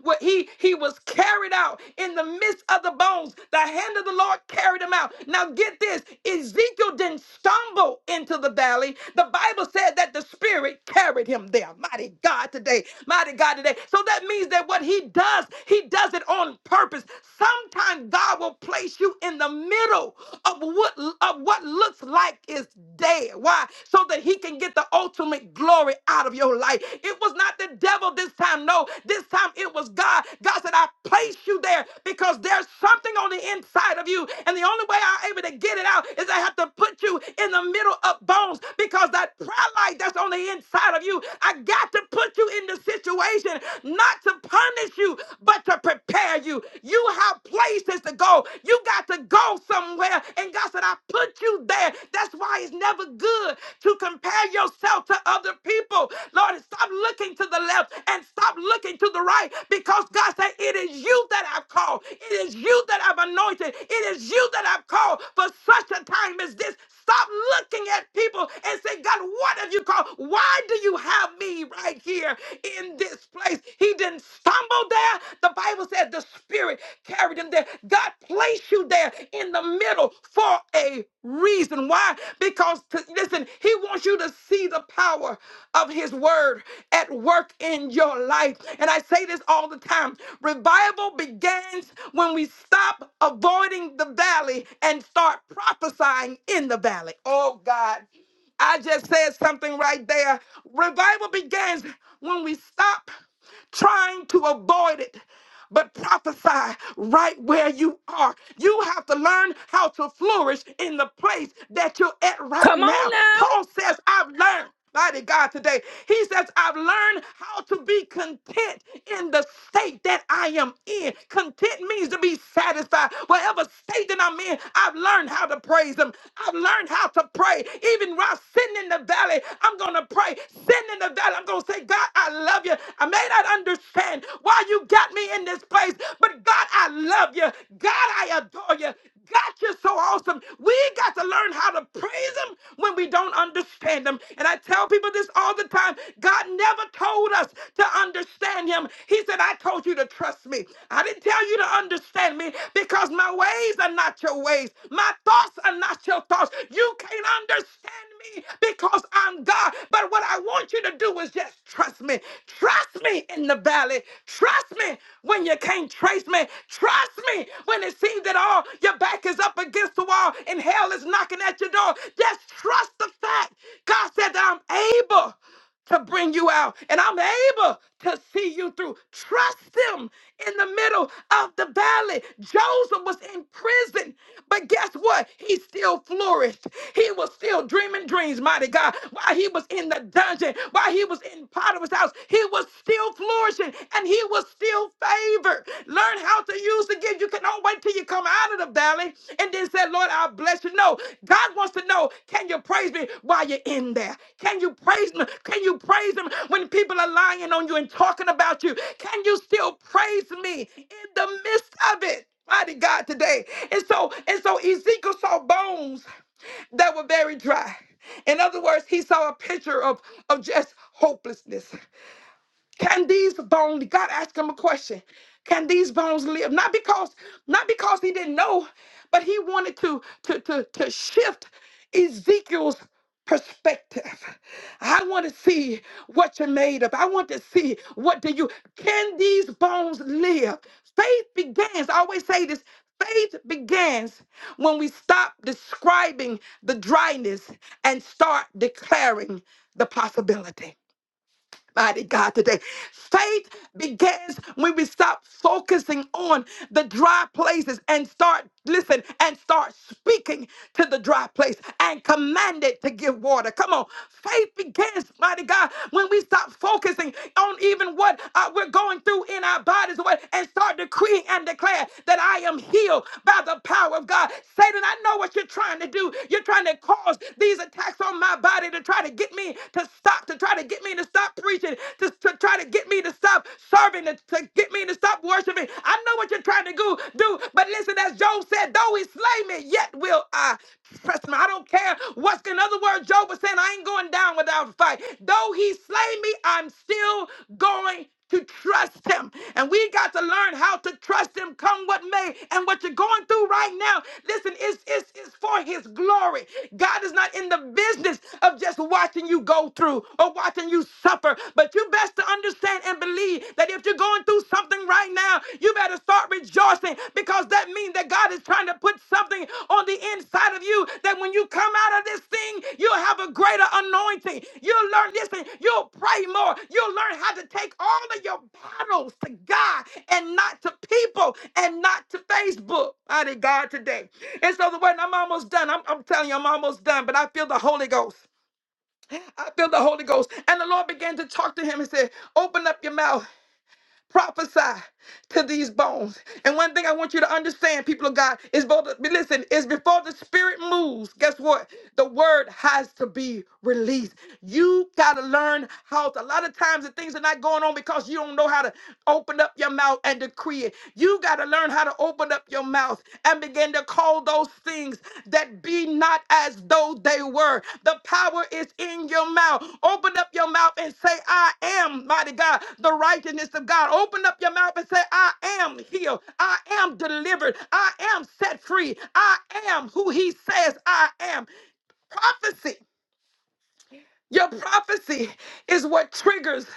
where he he was carried out in the midst of the bones the hand of the lord carried him out now get this ezekiel didn't stumble into the valley the bible said that the spirit carried him there mighty god today mighty god today so that means that what he does he does does it on purpose. Sometimes God will place you in the middle of what of what looks like is dead. Why? So that he can get the ultimate glory out of your life. It was not the devil this time. No, this time it was God. God said, I placed you there because there's something on the inside of you. And the only way I'm able to get it out is I have to put you in the middle of bones because that pride light that's on the inside of you, I got to put you in the situation situation, not to punish you, but to prepare you. You have places to go. You got to go somewhere. And God said, I put you there. That's why it's never good to compare yourself to other people. Lord, stop looking to the left and stop looking to the right because God said, It is you that I've called. It is you that I've anointed. It is you that I've called for such a time as this. Stop looking at people and say, God, what have you called? Why do do you have me right here in this place? He didn't stumble there. The Bible said the Spirit carried him there. God placed you there in the middle for a reason. Why? Because, to, listen, He wants you to see the power of His word at work in your life. And I say this all the time revival begins when we stop avoiding the valley and start prophesying in the valley. Oh, God. I just said something right there. Revival begins when we stop trying to avoid it but prophesy right where you are. You have to learn how to flourish in the place that you're at right Come on now. now. Paul says, I've learned. Mighty God, today he says, I've learned how to be content in the state that I am in. Content means to be satisfied. Whatever state that I'm in, I've learned how to praise him. I've learned how to pray. Even while sitting in the valley, I'm going to pray. Sitting in the valley, I'm going to say, God, I love you. I may may not understand why you got me in this place, but God, I love you. God, I adore you. God, you're so awesome. We got to learn how to praise Him when we don't understand Him. And I tell people this all the time God never told us to understand Him. He said, I told you to trust me. I didn't tell you to understand me because my ways are not your ways, my thoughts are not your thoughts. You can't understand me because I'm God. But what I want you to to do is just trust me. Trust me in the valley. Trust me when you can't trace me. Trust me when it seems that all your back is up against the wall and hell is knocking at your door. Just trust the fact. God said that I'm able to bring you out and I'm able to see you through. Trust him in the middle of the valley. Joseph was in prison, but guess what? He still flourished. He was still dreaming dreams, mighty God. While he was in the dungeon, while he was in Potiphar's house, he was still flourishing and he was still favored. Learn how to use the gifts again, you can don't wait till you come out of the valley and then say, Lord, I bless you. No, God wants to know, can you praise me while you're in there? Can you praise him? Can you praise him when people are lying on you and talking about you? Can you still praise me in the midst of it? Mighty God today. And so, and so Ezekiel saw bones that were very dry. In other words, he saw a picture of, of just hopelessness. Can these bones, God asked him a question. Can these bones live? Not because, not because he didn't know, but he wanted to, to, to, to shift Ezekiel's perspective. I want to see what you're made of. I want to see what do you can these bones live? Faith begins. I always say this. Faith begins when we stop describing the dryness and start declaring the possibility mighty God, today. Faith begins when we stop focusing on the dry places and start, listen, and start speaking to the dry place and command it to give water. Come on. Faith begins, mighty God, when we stop focusing on even what uh, we're going through in our bodies or what- and start decreeing and declare that I am healed by the power of God. Satan, I know what you're trying to do. You're trying to cause these attacks on my body to try to get me to stop, to try to try to get me to stop preaching, to, to try to get me to stop serving, to, to get me to stop worshiping. I know what you're trying to go, do, but listen, as Job said, though he slay me, yet will I trust him. I don't care what's in other words, Job was saying, I ain't going down without a fight. Though he slay me, I'm still going to trust him. And we got to learn how to trust him come what may. And what you're going through right now, listen, it's, it's, it's for his glory. God is not in the business of just watching you go through or watching you suffer. But you best to understand and believe that if you're going through something right now, you better start rejoicing because that means that God God is trying to put something on the inside of you that when you come out of this thing, you'll have a greater anointing. You'll learn this thing. You'll pray more. You'll learn how to take all of your battles to God and not to people and not to Facebook. I did God today. And so the word, and I'm almost done. I'm, I'm telling you, I'm almost done, but I feel the Holy Ghost. I feel the Holy Ghost. And the Lord began to talk to him and said, Open up your mouth. Prophesy to these bones. And one thing I want you to understand, people of God, is both listen, is before the spirit moves, guess what? The word has to be released. You gotta learn how to a lot of times the things are not going on because you don't know how to open up your mouth and decree it. You gotta learn how to open up your mouth mouth and begin to call those things that be not as though they were. The power is in your mouth. Open up your mouth and say, I am, mighty God, the righteousness of God. Open up your mouth and say, I am healed. I am delivered. I am set free. I am who He says I am. Prophecy. Your prophecy is what triggers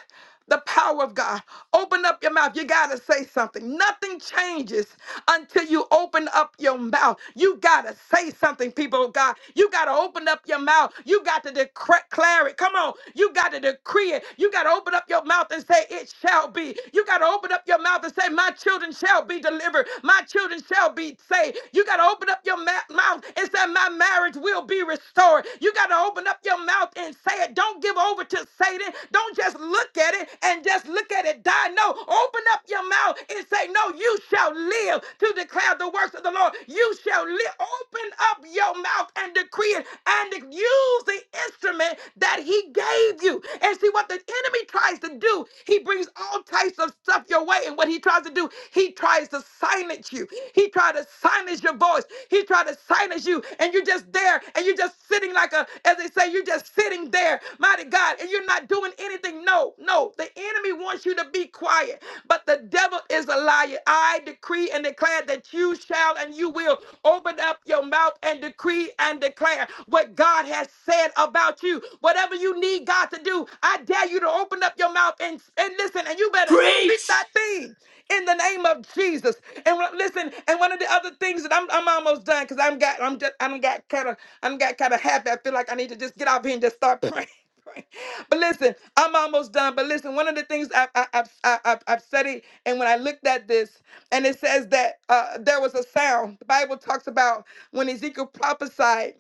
the power of God. Open up your mouth. You got to say something. Nothing changes until you open up your mouth. You got to say something, people of God. You got to open up your mouth. You got to declare it. Come on. You got to decree it. You got to open up your mouth and say, It shall be. You got to open up your mouth and say, My children shall be delivered. My children shall be saved. You got to open up your ma- mouth and say, My marriage will be restored. You got to open up your mouth and say it. Don't give over to Satan. Don't don't just look at it and just look at it die. No, open up your mouth and say, No, you shall live to declare the works of the Lord. You shall live. Open up your mouth and decree it and use the instrument that He gave you. And see what the enemy tries to do, he brings all types of stuff your way. And what he tries to do, he tries to silence you. He tried to silence your voice. He tried to silence you, and you're just there, and you're just sitting like a, as they say, you're just sitting there, mighty God, and you're not doing anything. No, no. The enemy wants you to be quiet, but the devil is a liar. I decree and declare that you shall and you will open up your mouth and decree and declare what God has said about you. Whatever you need God to do, I dare you to open up your mouth and, and listen, and you better speak Preach! that thing in the name of Jesus. And when- listen, and one of the other things that I'm I'm almost done because I'm got I'm just I am got kind of I'm got kind of happy. I feel like I need to just get off here and just start praying. Right. But listen, I'm almost done. But listen, one of the things I've, I- I've, I- I've, I've said it, and when I looked at this, and it says that uh, there was a sound. The Bible talks about when Ezekiel prophesied,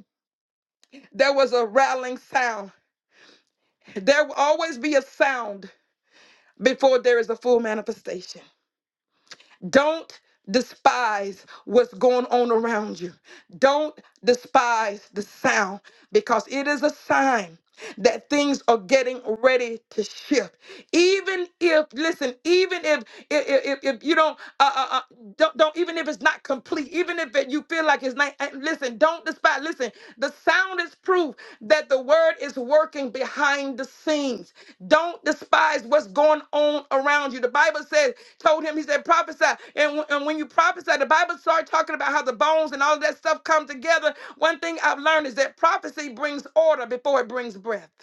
there was a rattling sound. There will always be a sound before there is a full manifestation. Don't despise what's going on around you. Don't despise the sound because it is a sign that things are getting ready to shift. Even if, listen, even if if, if, if you don't, uh, uh, uh, don't, don't, even if it's not complete, even if it, you feel like it's not, uh, listen. Listen, don't despise. Listen, the sound is proof that the word is working behind the scenes. Don't despise what's going on around you. The Bible says, told him, he said, prophesy. And, w- and when you prophesy, the Bible started talking about how the bones and all that stuff come together. One thing I've learned is that prophecy brings order before it brings breath.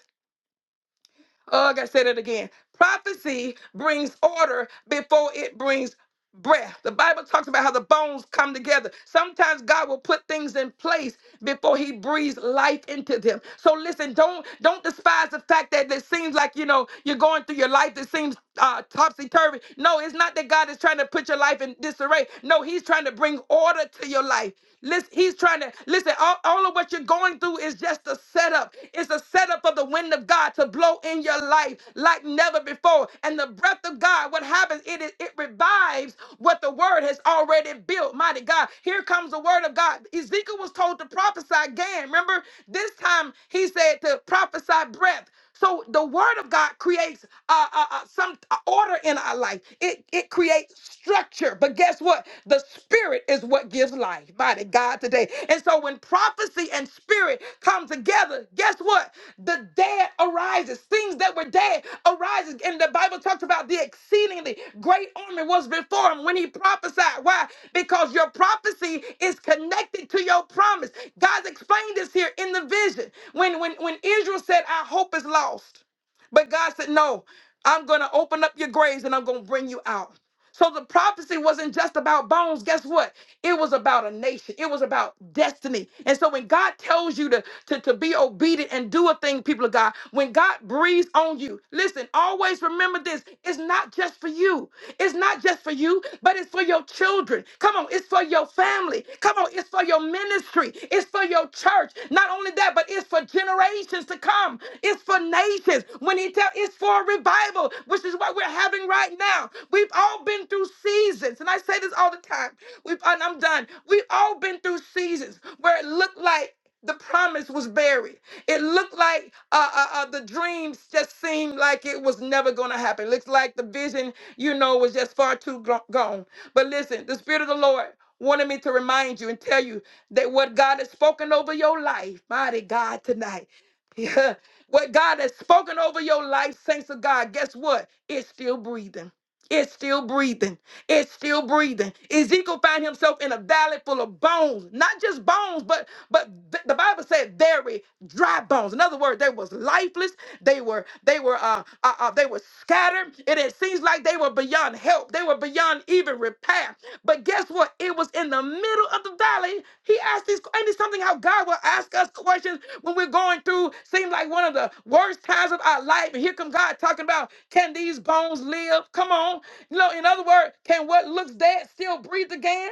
Oh, I gotta say that again. Prophecy brings order before it brings breath. The Bible talks about how the bones come together. Sometimes God will put things in place before he breathes life into them. So listen, don't don't despise the fact that it seems like you know you're going through your life that seems uh, topsy turvy. No, it's not that God is trying to put your life in disarray. No, He's trying to bring order to your life. Listen, He's trying to listen. All, all of what you're going through is just a setup. It's a setup up for the wind of God to blow in your life like never before. And the breath of God, what happens? It is it revives what the word has already built. Mighty God, here comes the word of God. Ezekiel was told to prophesy again. Remember, this time he said to prophesy breath. So the word of God creates uh, uh, uh, some uh, order in our life. It it creates structure. But guess what? The the spirit is what gives life. Mighty God today. And so when prophecy and spirit come together, guess what? The dead arises. Things that were dead arises. And the Bible talks about the exceedingly great army was before him when he prophesied. Why? Because your prophecy is connected to your promise. God's explained this here in the vision. When when when Israel said, Our hope is lost. But God said, No, I'm gonna open up your graves and I'm gonna bring you out. So the prophecy wasn't just about bones. Guess what? It was about a nation. It was about destiny. And so when God tells you to, to, to be obedient and do a thing, people of God, when God breathes on you, listen, always remember this. It's not just for you. It's not just for you, but it's for your children. Come on, it's for your family. Come on, it's for your ministry. It's for your church. Not only that, but it's for generations to come. It's for nations. When he tell, it's for a revival, which is what we're having right now. We've all been through seasons, and I say this all the time. We've, and I'm done. We've all been through seasons where it looked like the promise was buried. It looked like uh, uh, uh, the dreams just seemed like it was never going to happen. Looks like the vision, you know, was just far too gro- gone. But listen, the Spirit of the Lord wanted me to remind you and tell you that what God has spoken over your life, mighty God, tonight. Yeah, what God has spoken over your life, saints of God, guess what? It's still breathing. It's still breathing. It's still breathing. Ezekiel found himself in a valley full of bones, not just bones, but but th- the Bible said very dry bones. In other words, they was lifeless. They were they were uh, uh, uh, they were scattered, and it seems like they were beyond help. They were beyond even repair. But guess what? It was in the middle of the valley. He asked these, Ain't it something how God will ask us questions when we're going through? Seems like one of the worst times of our life, and here come God talking about can these bones live? Come on, you know. In other words, can what looks dead still breathe again?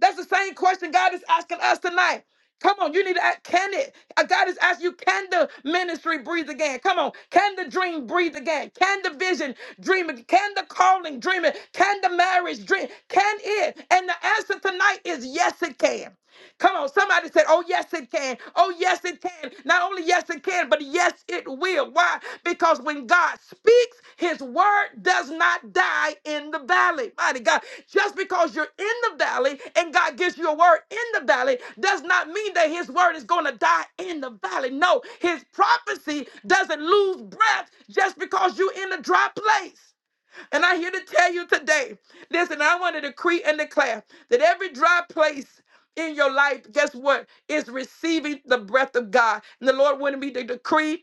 That's the same question God is asking us tonight. Come on, you need to ask, can it? uh, God is asking you, can the ministry breathe again? Come on, can the dream breathe again? Can the vision dream again? Can the calling dream it? Can the marriage dream? Can it? And the answer tonight is yes, it can. Come on, somebody said, Oh, yes, it can. Oh, yes, it can. Not only yes, it can, but yes, it will. Why? Because when God speaks, his word does not die in the valley. Mighty God, just because you're in the valley and God gives you a word in the valley does not mean that his word is going to die in the valley. No, his prophecy doesn't lose breath just because you're in a dry place. And I'm here to tell you today listen, I want to decree and declare that every dry place in your life, guess what? Is receiving the breath of God. And the Lord wanted me to decree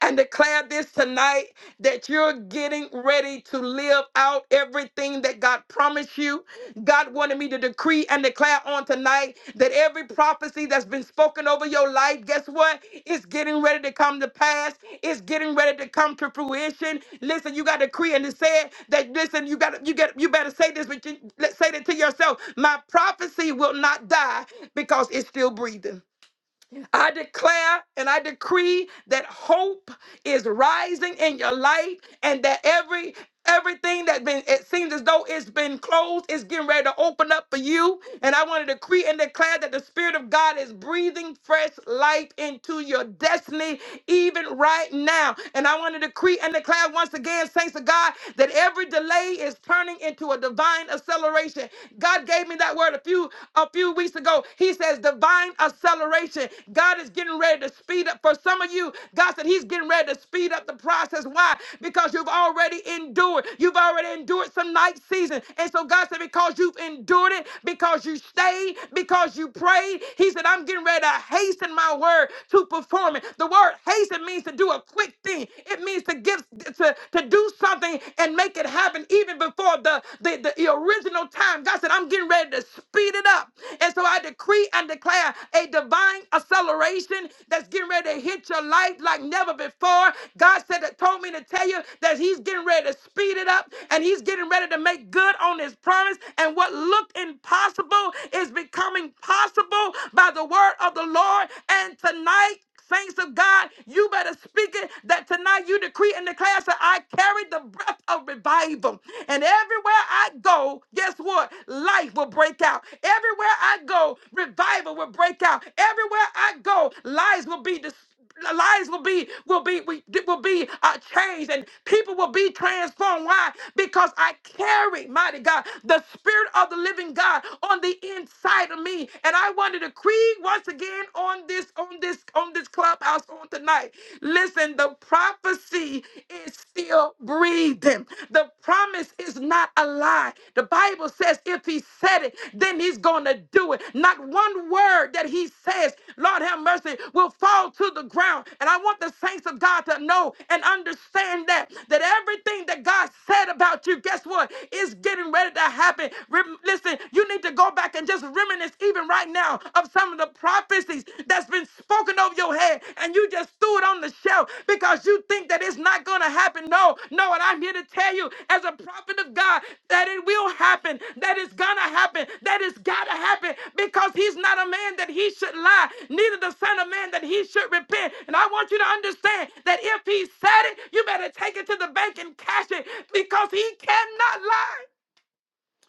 and declare this tonight that you're getting ready to live out everything that God promised you. God wanted me to decree and declare on tonight that every prophecy that's been spoken over your life, guess what? It's getting ready to come to pass. It's getting ready to come to fruition. Listen, you got to decree and to say it that listen, you got to you get you better say this, but you let's say that to yourself. My prophecy will not die because it's still breathing. I declare and I decree that hope is rising in your life and that every everything that been it seems as though it's been closed is getting ready to open up for you and i want to decree and declare that the spirit of god is breathing fresh life into your destiny even right now and i want to decree and declare once again thanks to god that every delay is turning into a divine acceleration god gave me that word a few few a few weeks ago. He says divine acceleration. God is getting ready to speed up for some of you. God said he's getting ready to speed up the process. Why? Because you've already endured. You've already endured some night season. And so God said because you've endured it, because you stayed, because you prayed, he said I'm getting ready to hasten my word to perform it. The word hasten means to do a quick thing. It means to give to, to do something and make it happen even before before the, the, the original time. God said, I'm getting ready to speed it up. And so I decree and declare a divine acceleration that's getting ready to hit your life like never before. God said that told me to tell you that He's getting ready to speed it up and He's getting ready to make good on His promise. And what looked impossible is becoming possible by the word of the Lord. And tonight, Saints of God, you better speak it that tonight you decree and declare that I carry the breath of revival. And everywhere I go, guess what? Life will break out. Everywhere I go, revival will break out. Everywhere I go, lives will be destroyed lives will be will be we- will be uh, changed and people will be transformed why because i carry mighty god the spirit of the living god on the inside of me and i want to decree once again on this on this on this clubhouse on tonight listen the prophecy is still breathing the promise is not a lie the Bible says if he said it, then he's going to do it. Not one word that he says, Lord have mercy, will fall to the ground. And I want the saints of God to know and understand that that everything that God said about you, guess what, is getting ready to happen. Rem- listen, you need to go back and just reminisce even right now of some of the prophecies that's been spoken over your head head and you just threw it on the shelf because you think that it's not going to happen. No, no. And I'm here to tell you, as a prophet of God, that it will happen, that it's going to happen, that it's got to happen because he's not a man that he should lie, neither the son of man that he should repent. And I want you to understand that if he said it, you better take it to the bank and cash it because he cannot lie.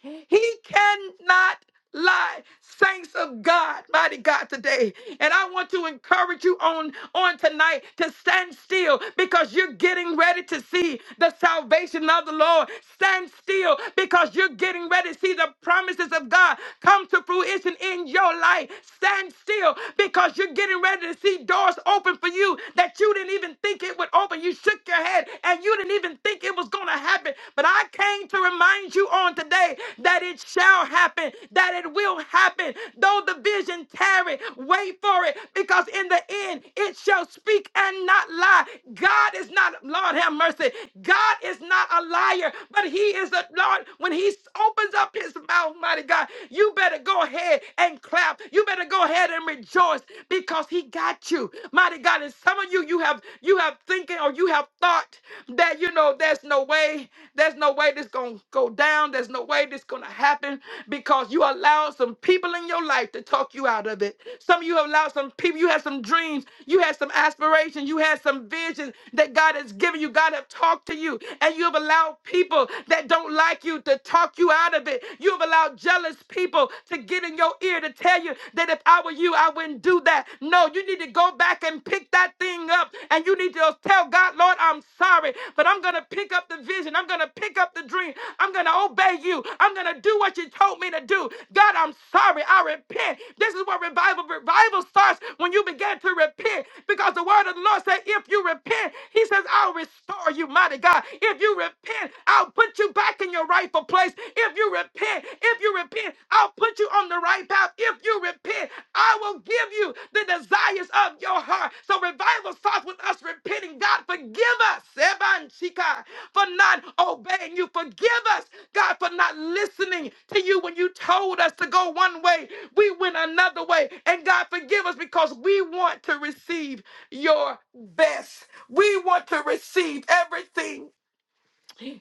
He cannot lie saints of god mighty god today and i want to encourage you on on tonight to stand still because you're getting ready to see the salvation of the lord stand still because you're getting ready to see the promises of god come to fruition in your life stand still because you're getting ready to see doors open for you that you didn't even think it would open you shook your head and you didn't even think it was going to going to happen. But I came to remind you on today that it shall happen, that it will happen. Though the vision tarry, wait for it, because in the end it shall speak and not lie. God is not, Lord have mercy, God is not a liar, but He is a Lord. When He opens up His mouth, mighty God, you better go ahead and clap. You better go ahead and rejoice because He got you, mighty God. And some of you, you you you have you have thinking or you have thought that you know there's no way there's no way this gonna go down there's no way this gonna happen because you allowed some people in your life to talk you out of it some of you have allowed some people you had some dreams you had some aspirations you had some visions that god has given you god have talked to you and you have allowed people that don't like you to talk you out of it you have allowed jealous people to get in your ear to tell you that if I were you, I wouldn't do that. No, you need to go back and pick that thing up. And you need to tell God, Lord, I'm sorry, but I'm going to pick up the vision. I'm going to pick up the dream. I'm going to obey you. I'm going to do what you told me to do. God, I'm sorry. I repent. This is what revival revival starts when you begin to repent because the word of the Lord said, if you repent, he says, I'll restore you, mighty God. If you repent, I'll put you back in your rightful place. If you repent, repent, if you repent, I'll put you on the right path. If you repent, I will give you the desires of your heart. So revival starts with us repenting. God, forgive us, Seban Shika, for not obeying you. Forgive us, God, for not listening to you when you told us to go one way. We went another way. And God, forgive us because we want to receive your best. We want to receive everything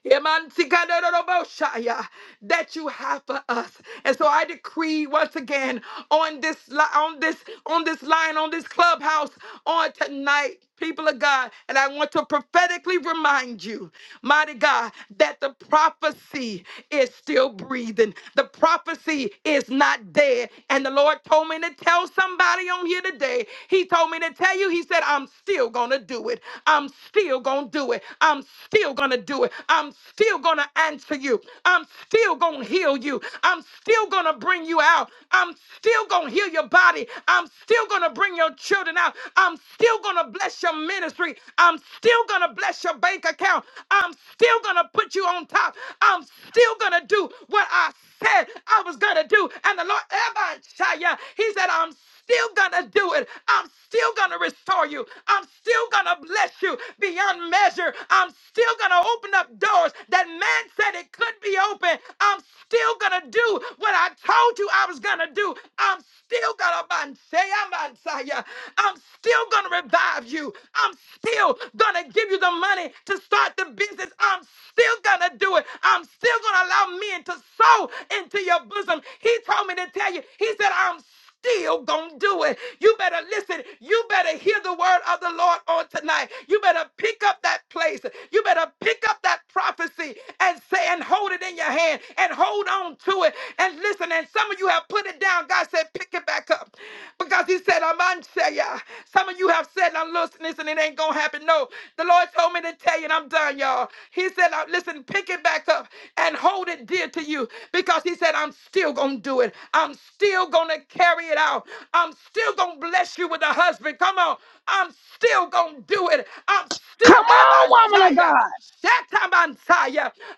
Emantikadoroboshaya, that you have for us. And so I decree once again on this li- on this on this line on this clubhouse on tonight people of God and I want to prophetically remind you mighty God that the prophecy is still breathing the prophecy is not dead and the Lord told me to tell somebody on here today he told me to tell you he said I'm still going to do it I'm still going to do do it. I'm still going to do it. I'm still going to answer you. I'm still going to heal you. I'm still going to bring you out. I'm still going to heal your body. I'm still going to bring your children out. I'm still going to bless your ministry. I'm still going to bless your bank account. I'm still going to put you on top. I'm still going to do what I said I was going to do. And the Lord, Ebashaya, he said, I'm still going to do it. I'm still going to restore you. I'm still going to bless you beyond measure. I'm still going to open up doors that man said it could be open. I'm still going to do what I told you I was going to do. I'm still going to say, Ebashaya, I'm still going to revive you. I'm still going to give you the money to start the business. I'm still going to do it. I'm still going to allow men to sow sow into your bosom. He told me to tell you, He said, I'm still gonna do it. You better listen. You better hear the word of the Lord on tonight. You better pick up that place. You better pick up that prophecy and say and hold it in your hand and hold on to it and listen. And some of you have put it down. God said, pick it back up because He said, I'm on ya. Some of you have said, I'm listening and it ain't gonna happen. No, the Lord told me to tell you, and I'm done, y'all. He said, "Now, listen, pick it back up and hold it dear to to you because he said, I'm still going to do it. I'm still going to carry it out. I'm still going to bless you with a husband. Come on. I'm still going to do it. I'm still, Come on, woman of God.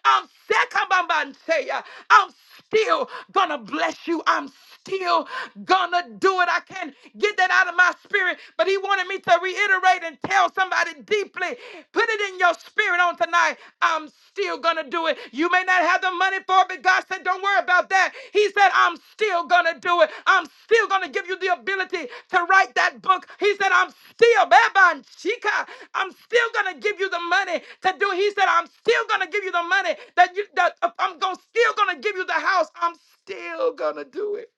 I'm Sekamansaya. I'm still going to bless you. I'm still gonna do it. I can't get that out of my spirit, but he wanted me to reiterate and tell somebody deeply, put it in your spirit on tonight. I'm still gonna do it. You may not have the money for it, but God said, don't worry about that. He said, I'm still gonna do it. I'm still gonna give you the ability to write that book. He said, I'm still, Baban and Chica, I'm still gonna give you the money to do. He said, I'm still gonna give you the money that you that uh, I'm gonna still gonna give you the house. I'm still gonna do it.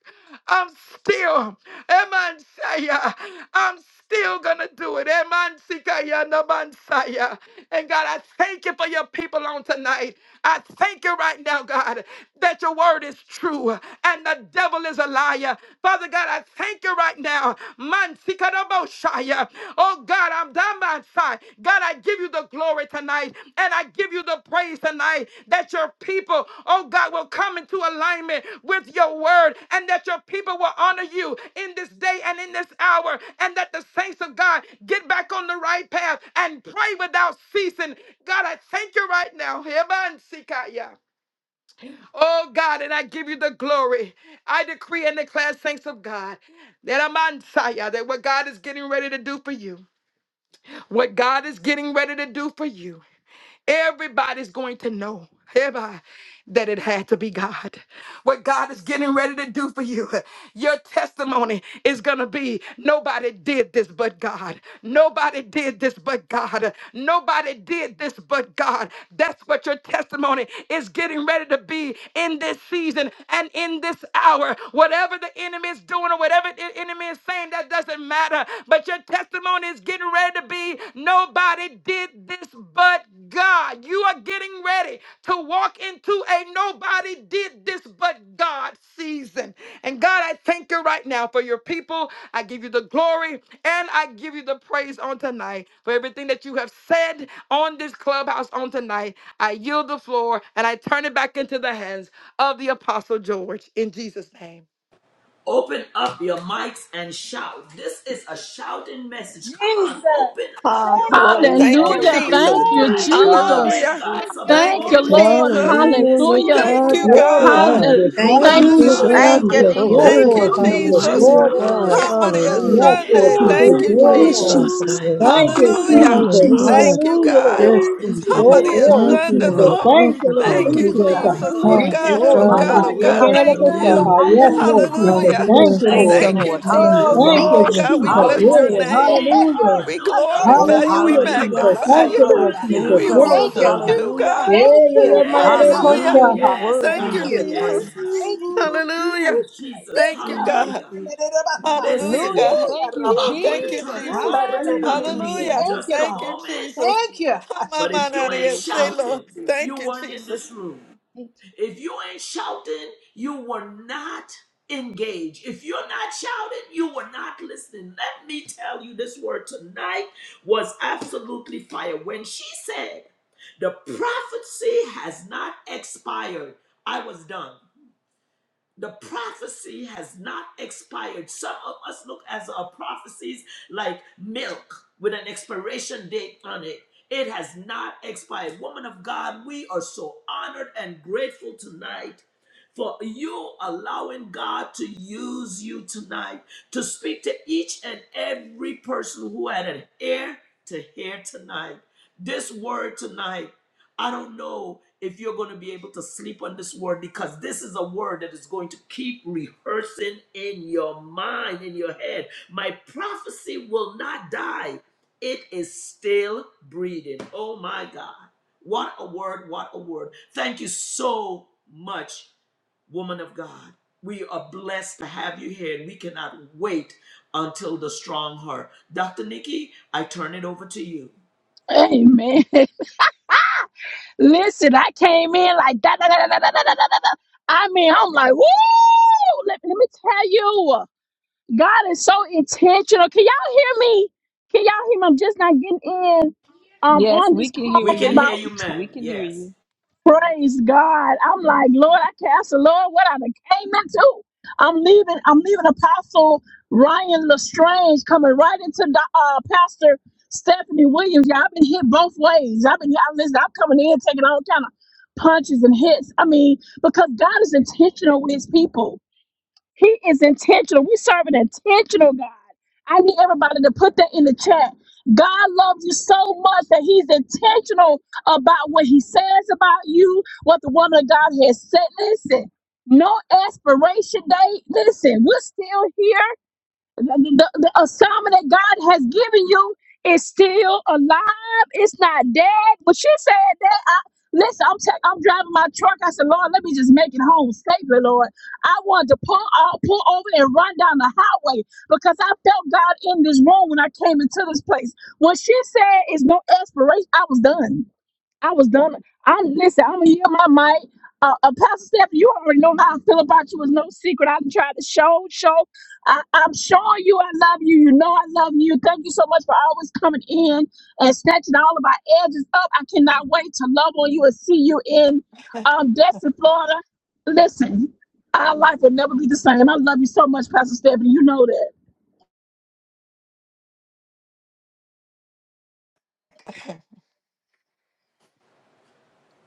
I'm still, Eman Saya, I'm still gonna do it. Eman Sikaya Naman Saya. And God, I thank you for your people on tonight. I thank you right now, God, that your word is true and the devil is a liar. Father God, I thank you right now. Man Sikadabo Shaya. Oh God, I'm down by side. God, I give you the glory tonight and I give you the praise tonight that your people, oh God, will come into alignment with your word and that your people will honor you in this day and in this hour and that the saints of God get back on the right path and pray without ceasing. God, I thank you right now. Heban sikaya. Oh God, and I give you the glory. I decree and declare, saints of God, that I'm on fire, that what God is getting ready to do for you. What God is getting ready to do for you, everybody's going to know. hereby, That it had to be God. What God is getting ready to do for you, your testimony is going to be nobody did this but God. Nobody did this but God. Nobody did this but God. That's what your testimony is getting ready to be in this season and in this hour. Whatever the enemy is doing or whatever it enemy is saying that doesn't matter, but your testimony is getting ready to be nobody did this but God. You are getting ready to walk into a nobody did this but God season. And God, I thank you right now for your people. I give you the glory and I give you the praise on tonight for everything that you have said on this clubhouse on tonight. I yield the floor and I turn it back into the hands of the Apostle George in Jesus' name. Open up your mics and shout. This is a shouting message. Come on, Jesus. open up Ah, your Thank Lord, you, Oh, mics thank and you, Lord. Hallelujah. shout Thank Jesus. hallelujah. you, Praise Glory. tonight. God. Jesus. Give Hallelujah. Thank God some Hallelujah. Thank Thank you, you, you, glory Lord. Jesus. tonight in Thank Hallelujah, this yes, Hallelujah. you, place. Thank God, you, bless Lord. you, Glory, I God. God. Hallelujah. Jesus. needed yes, Thank Thank you. you. Hallelujah, you, Hallelujah, You, Jesus. Lord. Lord God, Thank Hallelujah. you're you, Jesus. hallelujah. so Jesus. Yes, Open Hallelujah. Thank Thank worthy. Lord you, up Lord, you, your Jesus. mics. Lord. What Jesus. Hallelujah, a Come Glory, on, word, God. Lord. Yes. come what a on. Hallelujah. word, Hallelujah. Yes, what Lord Give Sunday. a God word. Jesus. Thank Glory. Thank some you, you, Glory, Lord praise Yes, God, Lord. Jesus. for the Hallelujah. Jesus. tonight. I word, Thank God. Oh you, needed Ooh, my Thank you, you, Hallelujah. God, Jesus. Thank Lord. you. Jesus. Hallelujah. Thank you, Hallelujah, hallelujah. God. Lord. Yes, Thank Glory to Thank you, your Jesus. thank you, Oh, God. you, name, Hallelujah. Lord. God. glory, Thank Thank you, you, Sunday, God. Jesus. Lord. Lord. Thank Thank Glory, you, you, Lord Thank Thank God. glory, Thank you, you you, for Jesus. God. glory, never Jesus. Oh, Ah, Thank glory. leaving me you. yes, God. or Oh, Oh, my God. Lord. God. Yes, forsaking God. Oh, Oh, You God. Hallelujah, me. God. can look Thank us up. Thank hallelujah. hallelujah, you. Hallelujah. Yes, Thank you, you, hallelujah. Lord Hallelujah. Father. Lord. Jesus. Hallelujah. Hallelujah. Thank Bless you, your name. Thank Bless Thank you, Lord. your Thank you, Lord. you, name Jesus. tonight. Oh, Jesus. Hallelujah. Thank Thank you, Oh, Hallelujah. you. Glory, glory, God, we Jesus. glory bless glory, your to your Hallelujah. Glory. Arabosa. name. name. Hey, glory. Hallelujah. hey. We Hallelujah. Mm, Oh, glorify Arabosa. you. We Oh, Hallelujah, yeah, Jesus. hallelujah. magnify Manda Thank you, you. Lord Thank basorobande you, rodabaha. la Jesus. Thank We you, Lord. Glory, Lord. basa. Thank you, worship Lord. God. you, God. Hallelujah. Hallelujah. Yeah, Thank yeah, you. yeah, Thank Ah, you, Yes, ah, ah. God. Hallelujah. Lord. Hallelujah. man, You're Yes, Thank Thank worthy Thank you, God. of you, the you. Lord. Jesus. Thank Yes, Thank God. you, praise. Thank you. Lord. Hallelujah. Ooh, Yes, Jesus. yes, Thank you, God. thank God. Hallelujah. you, Mandarabasa. Jesus. Hallelujah, Listen, Ooh, God. Ooh, I'm yarabase. going thank to you, turn it Mm, Jesus. over to barabase. Ooh, Dr. Thank you, Nikki in Hallelujah. Thank Jesus. just you, a Thank God. you, moment. Jesus. Thank you. Asha. But if you ain't Hamamanania, Lord, Thank Say, you, shouting, Lord. Jesus. Thank you you, weren't in Jesus. this room. Thank you. If you ain't shouting, you were not engaged. If you're not shouting, you were not listening. Let me tell you, this word tonight was absolutely fire. When she said, The prophecy has not expired, I was done the prophecy has not expired. Some of us look at our prophecies like milk with an expiration date on it. It has not expired. Woman of God, we are so honored and grateful tonight for you allowing God to use you tonight to speak to each and every person who had an ear to hear tonight. This word tonight. I don't know if you're going to be able to sleep on this word because this is a word that is going to keep rehearsing in your mind, in your head. My prophecy will not die, it is still breathing. Oh my God. What a word, what a word. Thank you so much, woman of God. We are blessed to have you here, and we cannot wait until the strong heart. Dr. Nikki, I turn it over to you. Amen. Listen, I came in like that. I mean, I'm like, woo! Let, let me tell you, God is so intentional. Can y'all hear me? Can y'all hear me? I'm just not getting in um on this We call can hear about. you, ma'am. Yes. Praise God. I'm like, Lord, I cancel, Lord, what I done came into. I'm leaving, I'm leaving Apostle Ryan Lestrange coming right into the, uh, Pastor Stephanie Williams. Yeah, I've been hit both ways. I've been, I listen, I'm coming in taking all kind of punches and hits. I mean, because God is intentional with his people. He is intentional. We serve an intentional God. I need everybody to put that in the chat. God loves you so much that He's intentional about what He says about you, what the woman of God has said. Listen, no expiration date. Listen, we're still here the, the the assignment that God has given you is still alive. It's not dead. But she said that. I, listen, I'm ta- I'm driving my truck. I said, Lord, let me just make it home safely, Lord. I wanted to pull out, pull over, and run down the highway because I felt God in this room when I came into this place. When she said, "It's no expiration," I was done. I was done. I'm listen. I'm gonna yield my mic. Uh, uh, Pastor Steph, you already know how I feel about you. It's no secret. I'm trying to show, show. I, I'm showing you I love you. You know I love you. Thank you so much for always coming in and snatching all of our edges up. I cannot wait to love on you and see you in um, Destin, Florida. Listen, our life will never be the same. I love you so much, Pastor Stephanie. You know that.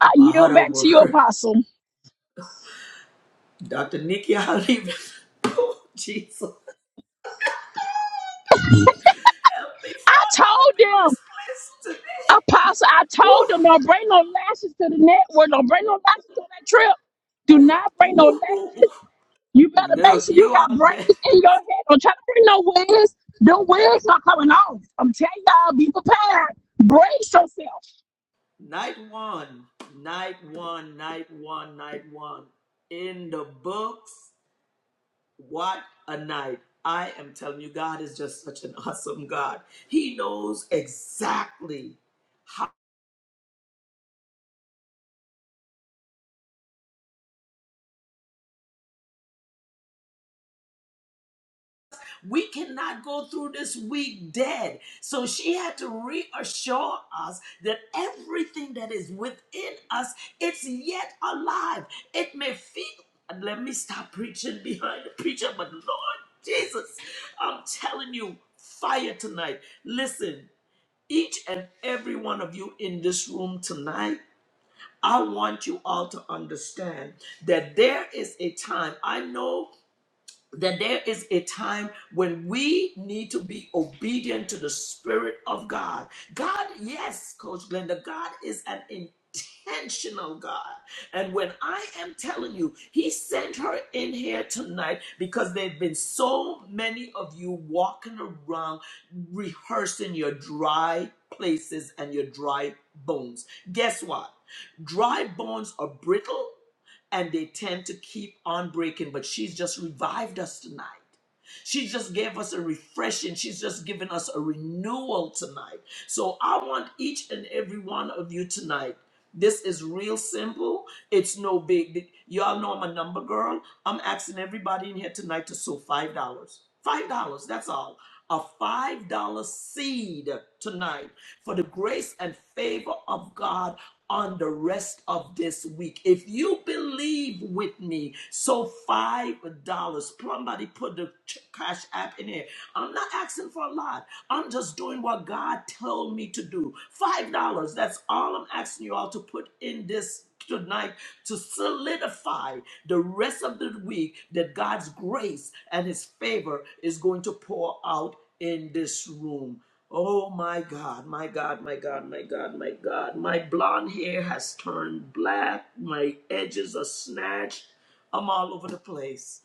I yield Bahada back to you, word. Apostle. Dr. Nikki, I leave it. Oh, Jesus. Help me, I Father, told up in them. this place Apostle, I today. told Woo, them don't bring no lashes to the network. Don't bring no lashes on that trip. Do not bring no woo, woo. woo. lashes. You better make Look, sure you you got are bad. braids in your head. Don't try to bring no wigs. Them wigs not coming off. I'm telling y'all, be prepared. Brace yourself. Night one, night one, night one, night one. In the books, what a night. I am telling you, God is just such an awesome God. He knows exactly We cannot go through this week dead. So she had to reassure us that everything that is within us, it's yet alive. It may feel, let me stop preaching behind the preacher, but Lord Jesus, I'm telling you, fire tonight. Listen, each and every one of you in this room tonight, I want you all to understand that there is a time. I know that there is a time when we need to be obedient to the Spirit of God. God, yes, Coach Glenda, God is an intentional God. And when I am telling you, He sent her in here tonight because there have been so many of you walking around rehearsing your dry places and your dry bones. Guess what? Dry bones are brittle and they tend to keep on breaking. But she's just revived us tonight. She just gave us a refreshing. She's just given us a renewal tonight. So I want each and every one of you tonight. This is real simple. It's no big. Y'all know I'm a number girl. I'm asking everybody in here tonight to sow five dollars. Five dollars. That's all. A five dollar seed tonight for the grace and favor of God on the rest of this week. If you believe with me, so $5. Somebody put the cash app in here. I'm not asking for a lot. I'm just doing what God told me to do. $5. That's all I'm asking you all to put in this tonight to solidify the rest of the week that God's grace and his favor is going to pour out in this room. Oh my God, my God, my God, my God, my God. My blonde hair has turned black. My edges are snatched. I'm all over the place.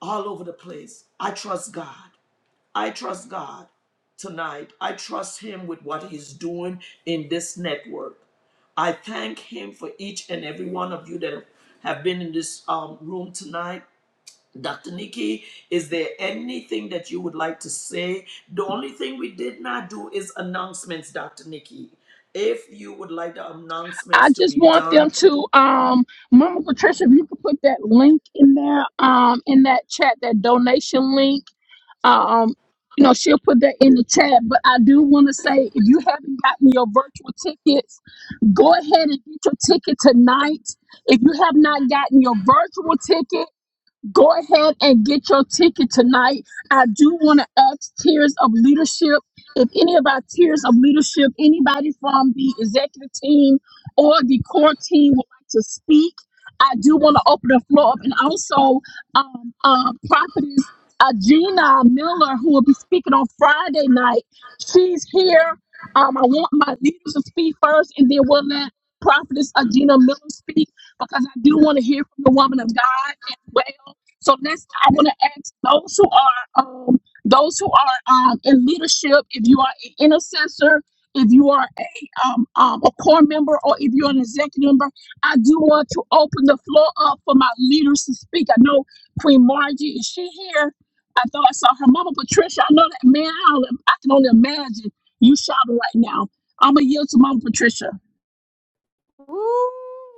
All over the place. I trust God. I trust God tonight. I trust Him with what He's doing in this network. I thank Him for each and every one of you that have been in this um, room tonight. Dr. Nikki, is there anything that you would like to say? The only thing we did not do is announcements, Dr. Nikki. If you would like the I announcements to just be want them done, to, um, Mama Patricia, if you could put that link in there, um, in that chat, that donation link. Um, you know, she'll put that in the chat. But I do want to say, if you haven't gotten your virtual tickets, Go ahead and get your ticket tonight. If you have not gotten your virtual ticket, Go ahead and get your ticket tonight. I do want to ask tiers of Leadership if any of our tiers of Leadership, anybody from the executive team or the core team would like to speak. I do want to open the floor up and also um, uh, Prophetess uh, Gina Miller, who will be speaking on Friday night. She's here. Um, I want my leaders to speak first, and then we'll let Prophetess Agina Miller speak because I do want to hear from the woman of God so let I want to ask those who are um, those who are um, in leadership. If you are an intercessor, if you are a um, um, a core member, or if you're an executive member, I do want to open the floor up for my leaders to speak. I know Queen Margie is she here? I thought I saw her mama Patricia. I know that man. I, don't- I can only imagine you shouting right now. I'm gonna yield to Mama Patricia.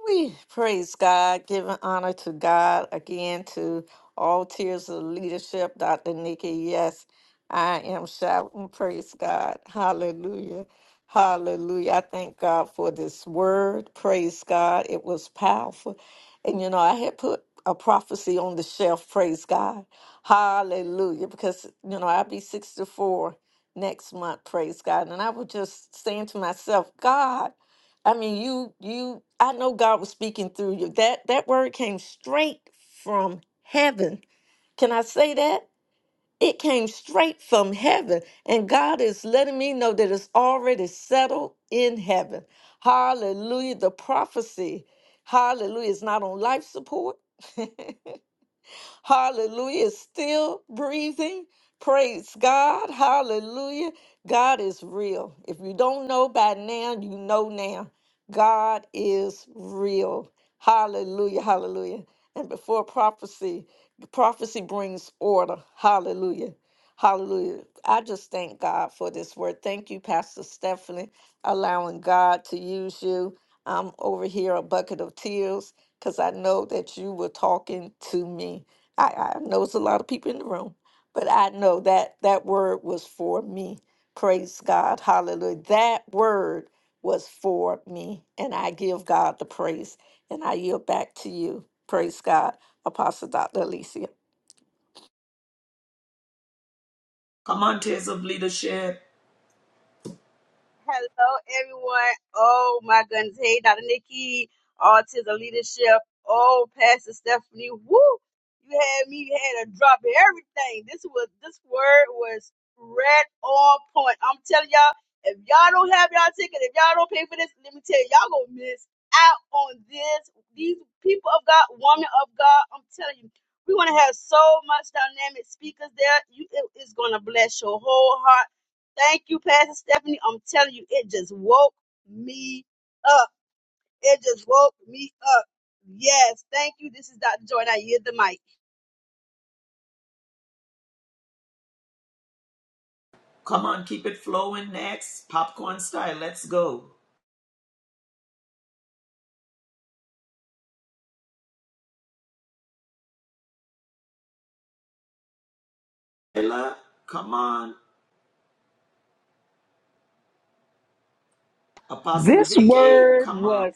We praise God, giving honor to God again to all tiers of leadership. Dr. Nikki, yes, I am shouting. Praise God. Hallelujah. Hallelujah. I thank God for this word. Praise God. It was powerful. And you know, I had put a prophecy on the shelf. Praise God. Hallelujah. Because, you know, I'll be 64 next month. Praise God. And I was just saying to myself, God, I mean, you you I know God was speaking through you. That that word came straight from heaven. Can I say that? It came straight from heaven, and God is letting me know that it's already settled in heaven. Hallelujah. The prophecy, hallelujah, is not on life support. Hallelujah. It's Still breathing. Praise God. Hallelujah. God is real. If you don't know by now, you know now. God is real. Hallelujah. Hallelujah. And before prophecy, prophecy brings order. Hallelujah. Hallelujah. I just thank God for this word. Thank you, Pastor Stephanie, allowing God to use you. I'm over here a bucket of tears because I know that you were talking to me. I, I know it's a lot of people in the room, but I know that that word was for me. Praise God. Hallelujah. That word was for me. And I give God the praise. And I yield back to you. Praise God, Apostle Dr. Alicia. come on, Tears of Leadership. Hello, everyone. Oh, my goodness. Hey, Dr. Nikki, Autism Leadership. Oh, Pastor Stephanie. Woo! You had me, you had a drop of everything. This was, this word was red on point. I'm telling y'all, if y'all don't have y'all ticket, if y'all don't pay for this, let me tell you, y'all gonna miss out on this. These people of God, women of God, I'm telling you, we're gonna have so much dynamic speakers there. You, it- it's gonna bless your whole heart Thank you, Pastor Stephanie. I'm telling you, it just woke me up. It just woke me up. Yes, thank you. This is Dr. Joy, and I yield the mic. Come on, keep it flowing next. Popcorn style, let's go. Ella, come on. Apostle Vicky, come on.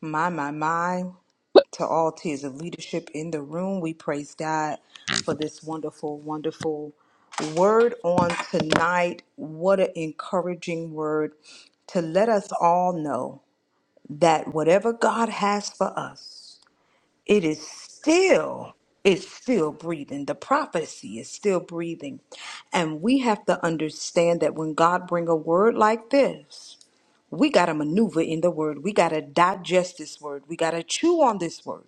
My, my, my. But To all tiers of leadership in the room, we praise God for this wonderful, wonderful word on tonight. What an encouraging word to let us all know that whatever God has for us, it is still it's still breathing the prophecy is still breathing and we have to understand that when god bring a word like this we got to maneuver in the word. We got to digest this word. We got to chew on this word.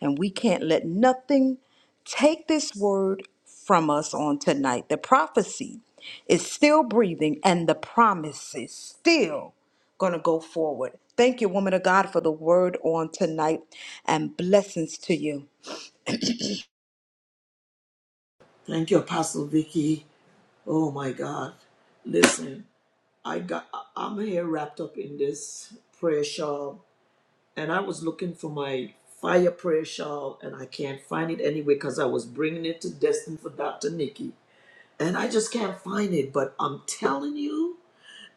And we can't let nothing take this word from us on tonight. The prophecy is still breathing and the promise is still going to go forward. Thank you, woman of God, for the word on tonight and blessings to you. Thank you, Apostle Vicky. Oh my God. Listen, I got I- I'm here wrapped up in this prayer shawl and I was looking for my fire prayer shawl, and I can't find it anywhere because I was bringing it to Destin for Dr. Nikki, and I just can't find it. But I'm telling you.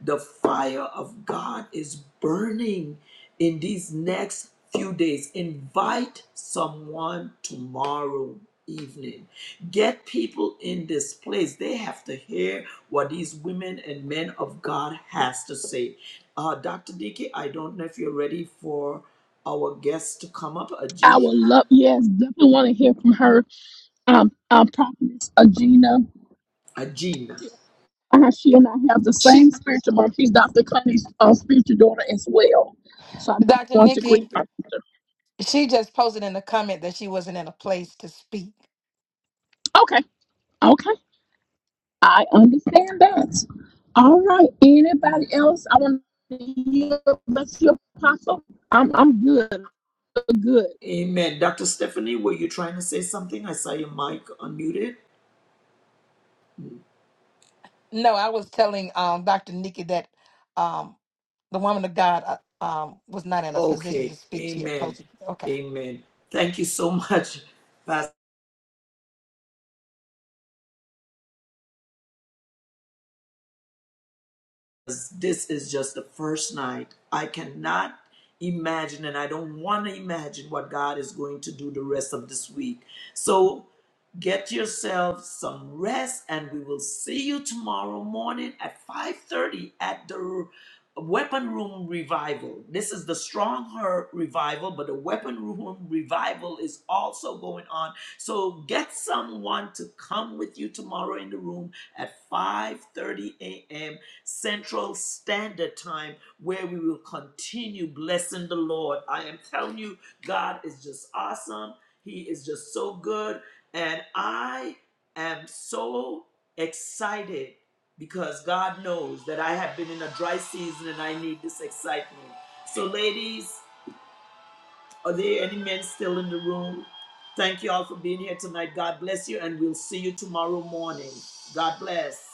The fire of God is burning in these next few days. Invite someone tomorrow evening. Get people in this place. They have to hear what these women and men of God has to say. Uh, Dr. Dickey, I don't know if you're ready for our guest to come up, I Aji, would love, yes, definitely want to hear from her. Um, um, prophetess Agena. Ajina. uh, she and I have the same spiritual mom. She's Dr. Connie's uh, spiritual daughter as well. So I Dr. want to greet Nikki, my sister. she just posted in the comment that she wasn't in a place to speak. Okay, okay. I understand that. All right. Anybody else? I want to hear about your apostle. I'm I'm good. Good. Amen. Dr. Stephanie, were you trying to say something? I saw your mic unmuted. No, I was telling um, Dr. Nikki that um, the woman of God uh, um, was not in a position to Okay, speak. She had amen, posted. Okay. amen. Thank you so much, Pastor this is just the first night. I cannot imagine, and I don't want to imagine what God is going to do the rest of this week. So get yourself some rest, and we will see you tomorrow morning at 5:30 at the Weapon Room Revival. This is the Strong Her Revival, but the Weapon Room Revival is also going on. So get someone to come with you tomorrow in the room at 5:30 a.m Central Standard Time, where we will continue blessing the Lord. I am telling you, God is just awesome. He is just so good. And I am so excited because God knows that I have been in a dry season and I need this excitement. So, ladies, are there any men still in the room? Thank you all for being here tonight. God bless you, and we'll see you tomorrow morning. God bless.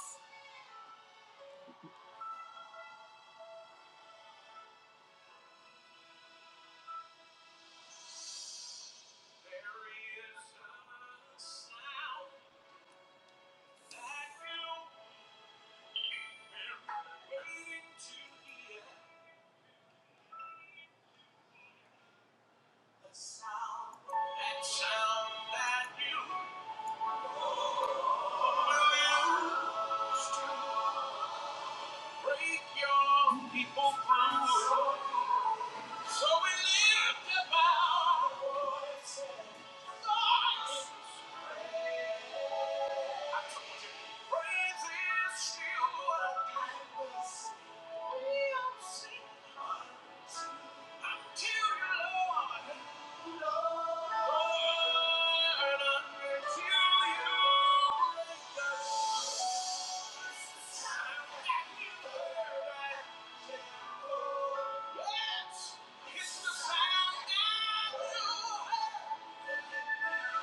People through. So we lift up our voice and start praise I told you, praise is still what matters. We'll sing until you, Lord, Lord, until you break us. I'm glad you heard I said, Yes. It's the sound I know.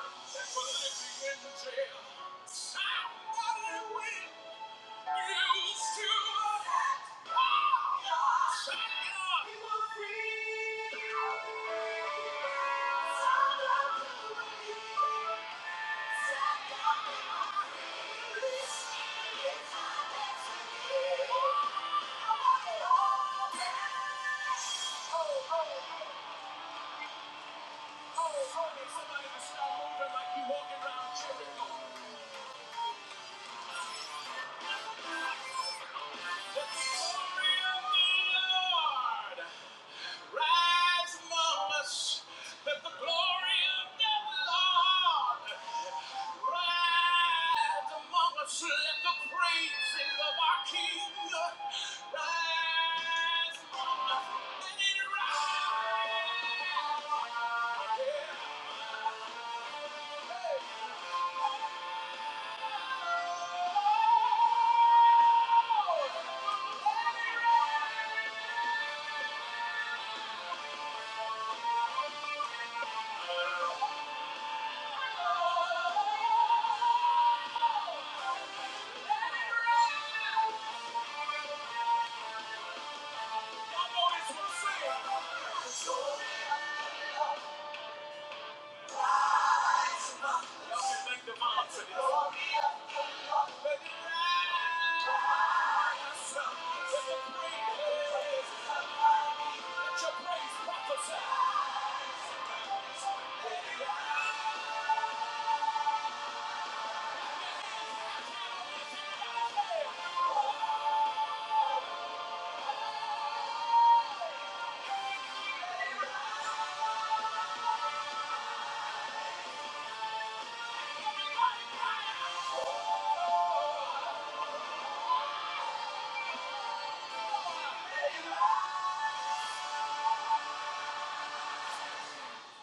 That's what in jail. Somebody with wheels to the heart. Somebody who will free. Somebody who will heal. Somebody who will release. It's our Oh, oh, oh. Oh, honey, somebody just stop moving like you walking around Jericho. Yeah. Thank you. Get your hands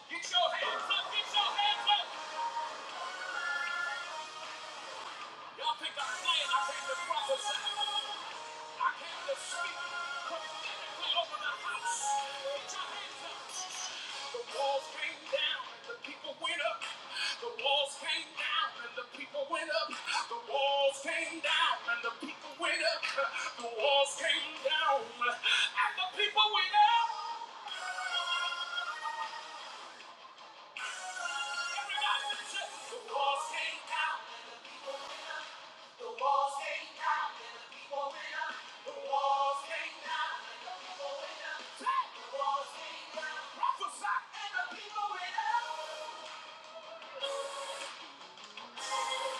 up! Get your hands up! Y'all think I'm playing? I came to prophesy. I came to speak prophetically over the house. Put your hands up. The walls came down and the people went up. The walls came down and the people went up. The walls came down and the people went up. The walls came down and the people went up. Prophesy and the people went up.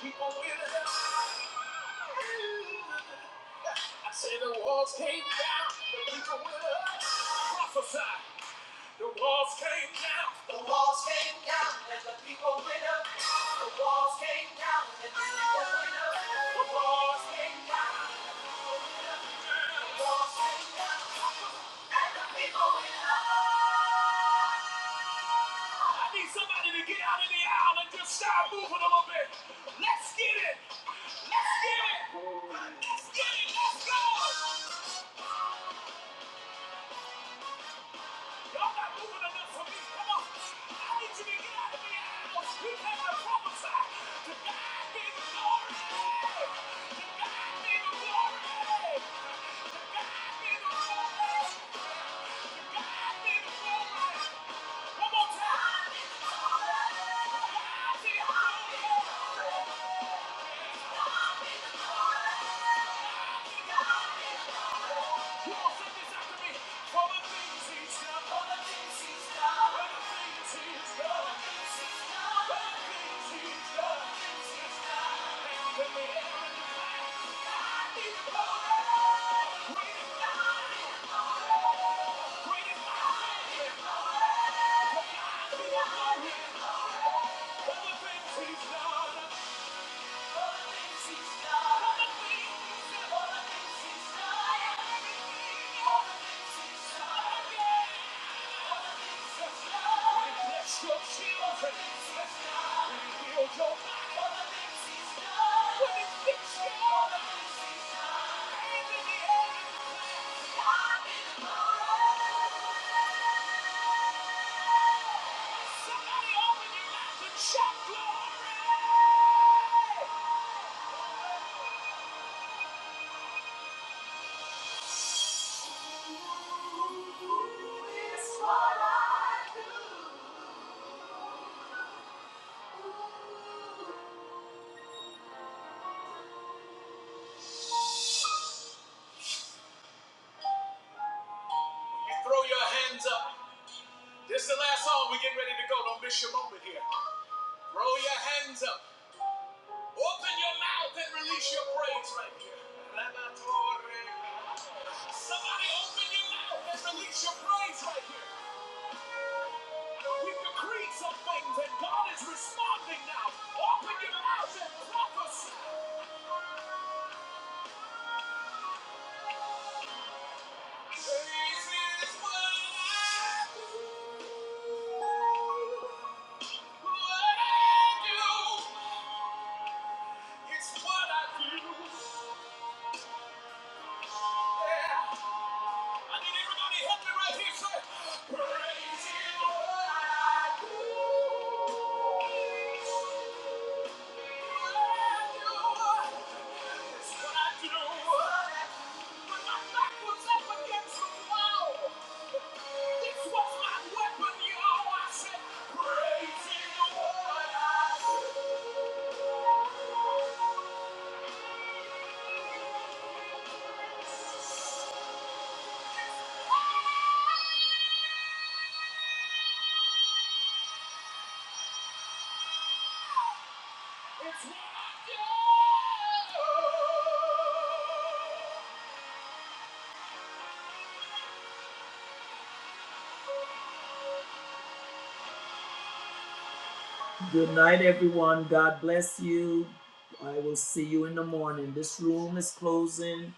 People with us. I say the walls came down, the people with us prophesy. The walls came down, the walls came down, and the people went up. The walls came down, and the people went up. The walls came down, the walls came down, and the people went up. I need somebody to get out of the aisle and just start moving a little bit. Let's get it. Let's get it. Let's get it. Let's go. Y'all not moving enough for me. Come on. I need you to get out of here. He came to prophesy. To God be the glory. To God be the glory. To God be the glory. To God be the glory. One more time. To God be the glory. To God be the glory. All the things he's done. For the things he's done. For the things he's done. For the things he's done. For the things he's done. For the things he's done. And the things he's done. You throw your hands up. This is the last song. We're getting ready to go. Don't miss your moment here. Throw your hands up. Open your mouth and release your praise right here. Somebody open your mouth and release your praise right here. We decreed some things and God is responding now. Open your mouth and prophesy. This is what I do. What I do is what I do. Yeah. I need everybody help me right here. sir. praise Him, Lord, I do. What I do is what I do. When my back was up against the wall, this was my weapon, y'all. I said, praise Him, Lord, I do. Praise Him, what I do. Good night, everyone. God bless you. I will see you in the morning. This room is closing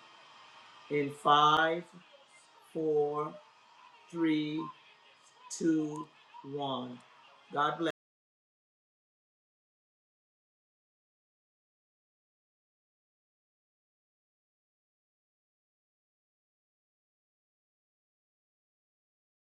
in five, four, three, two, one. God bless.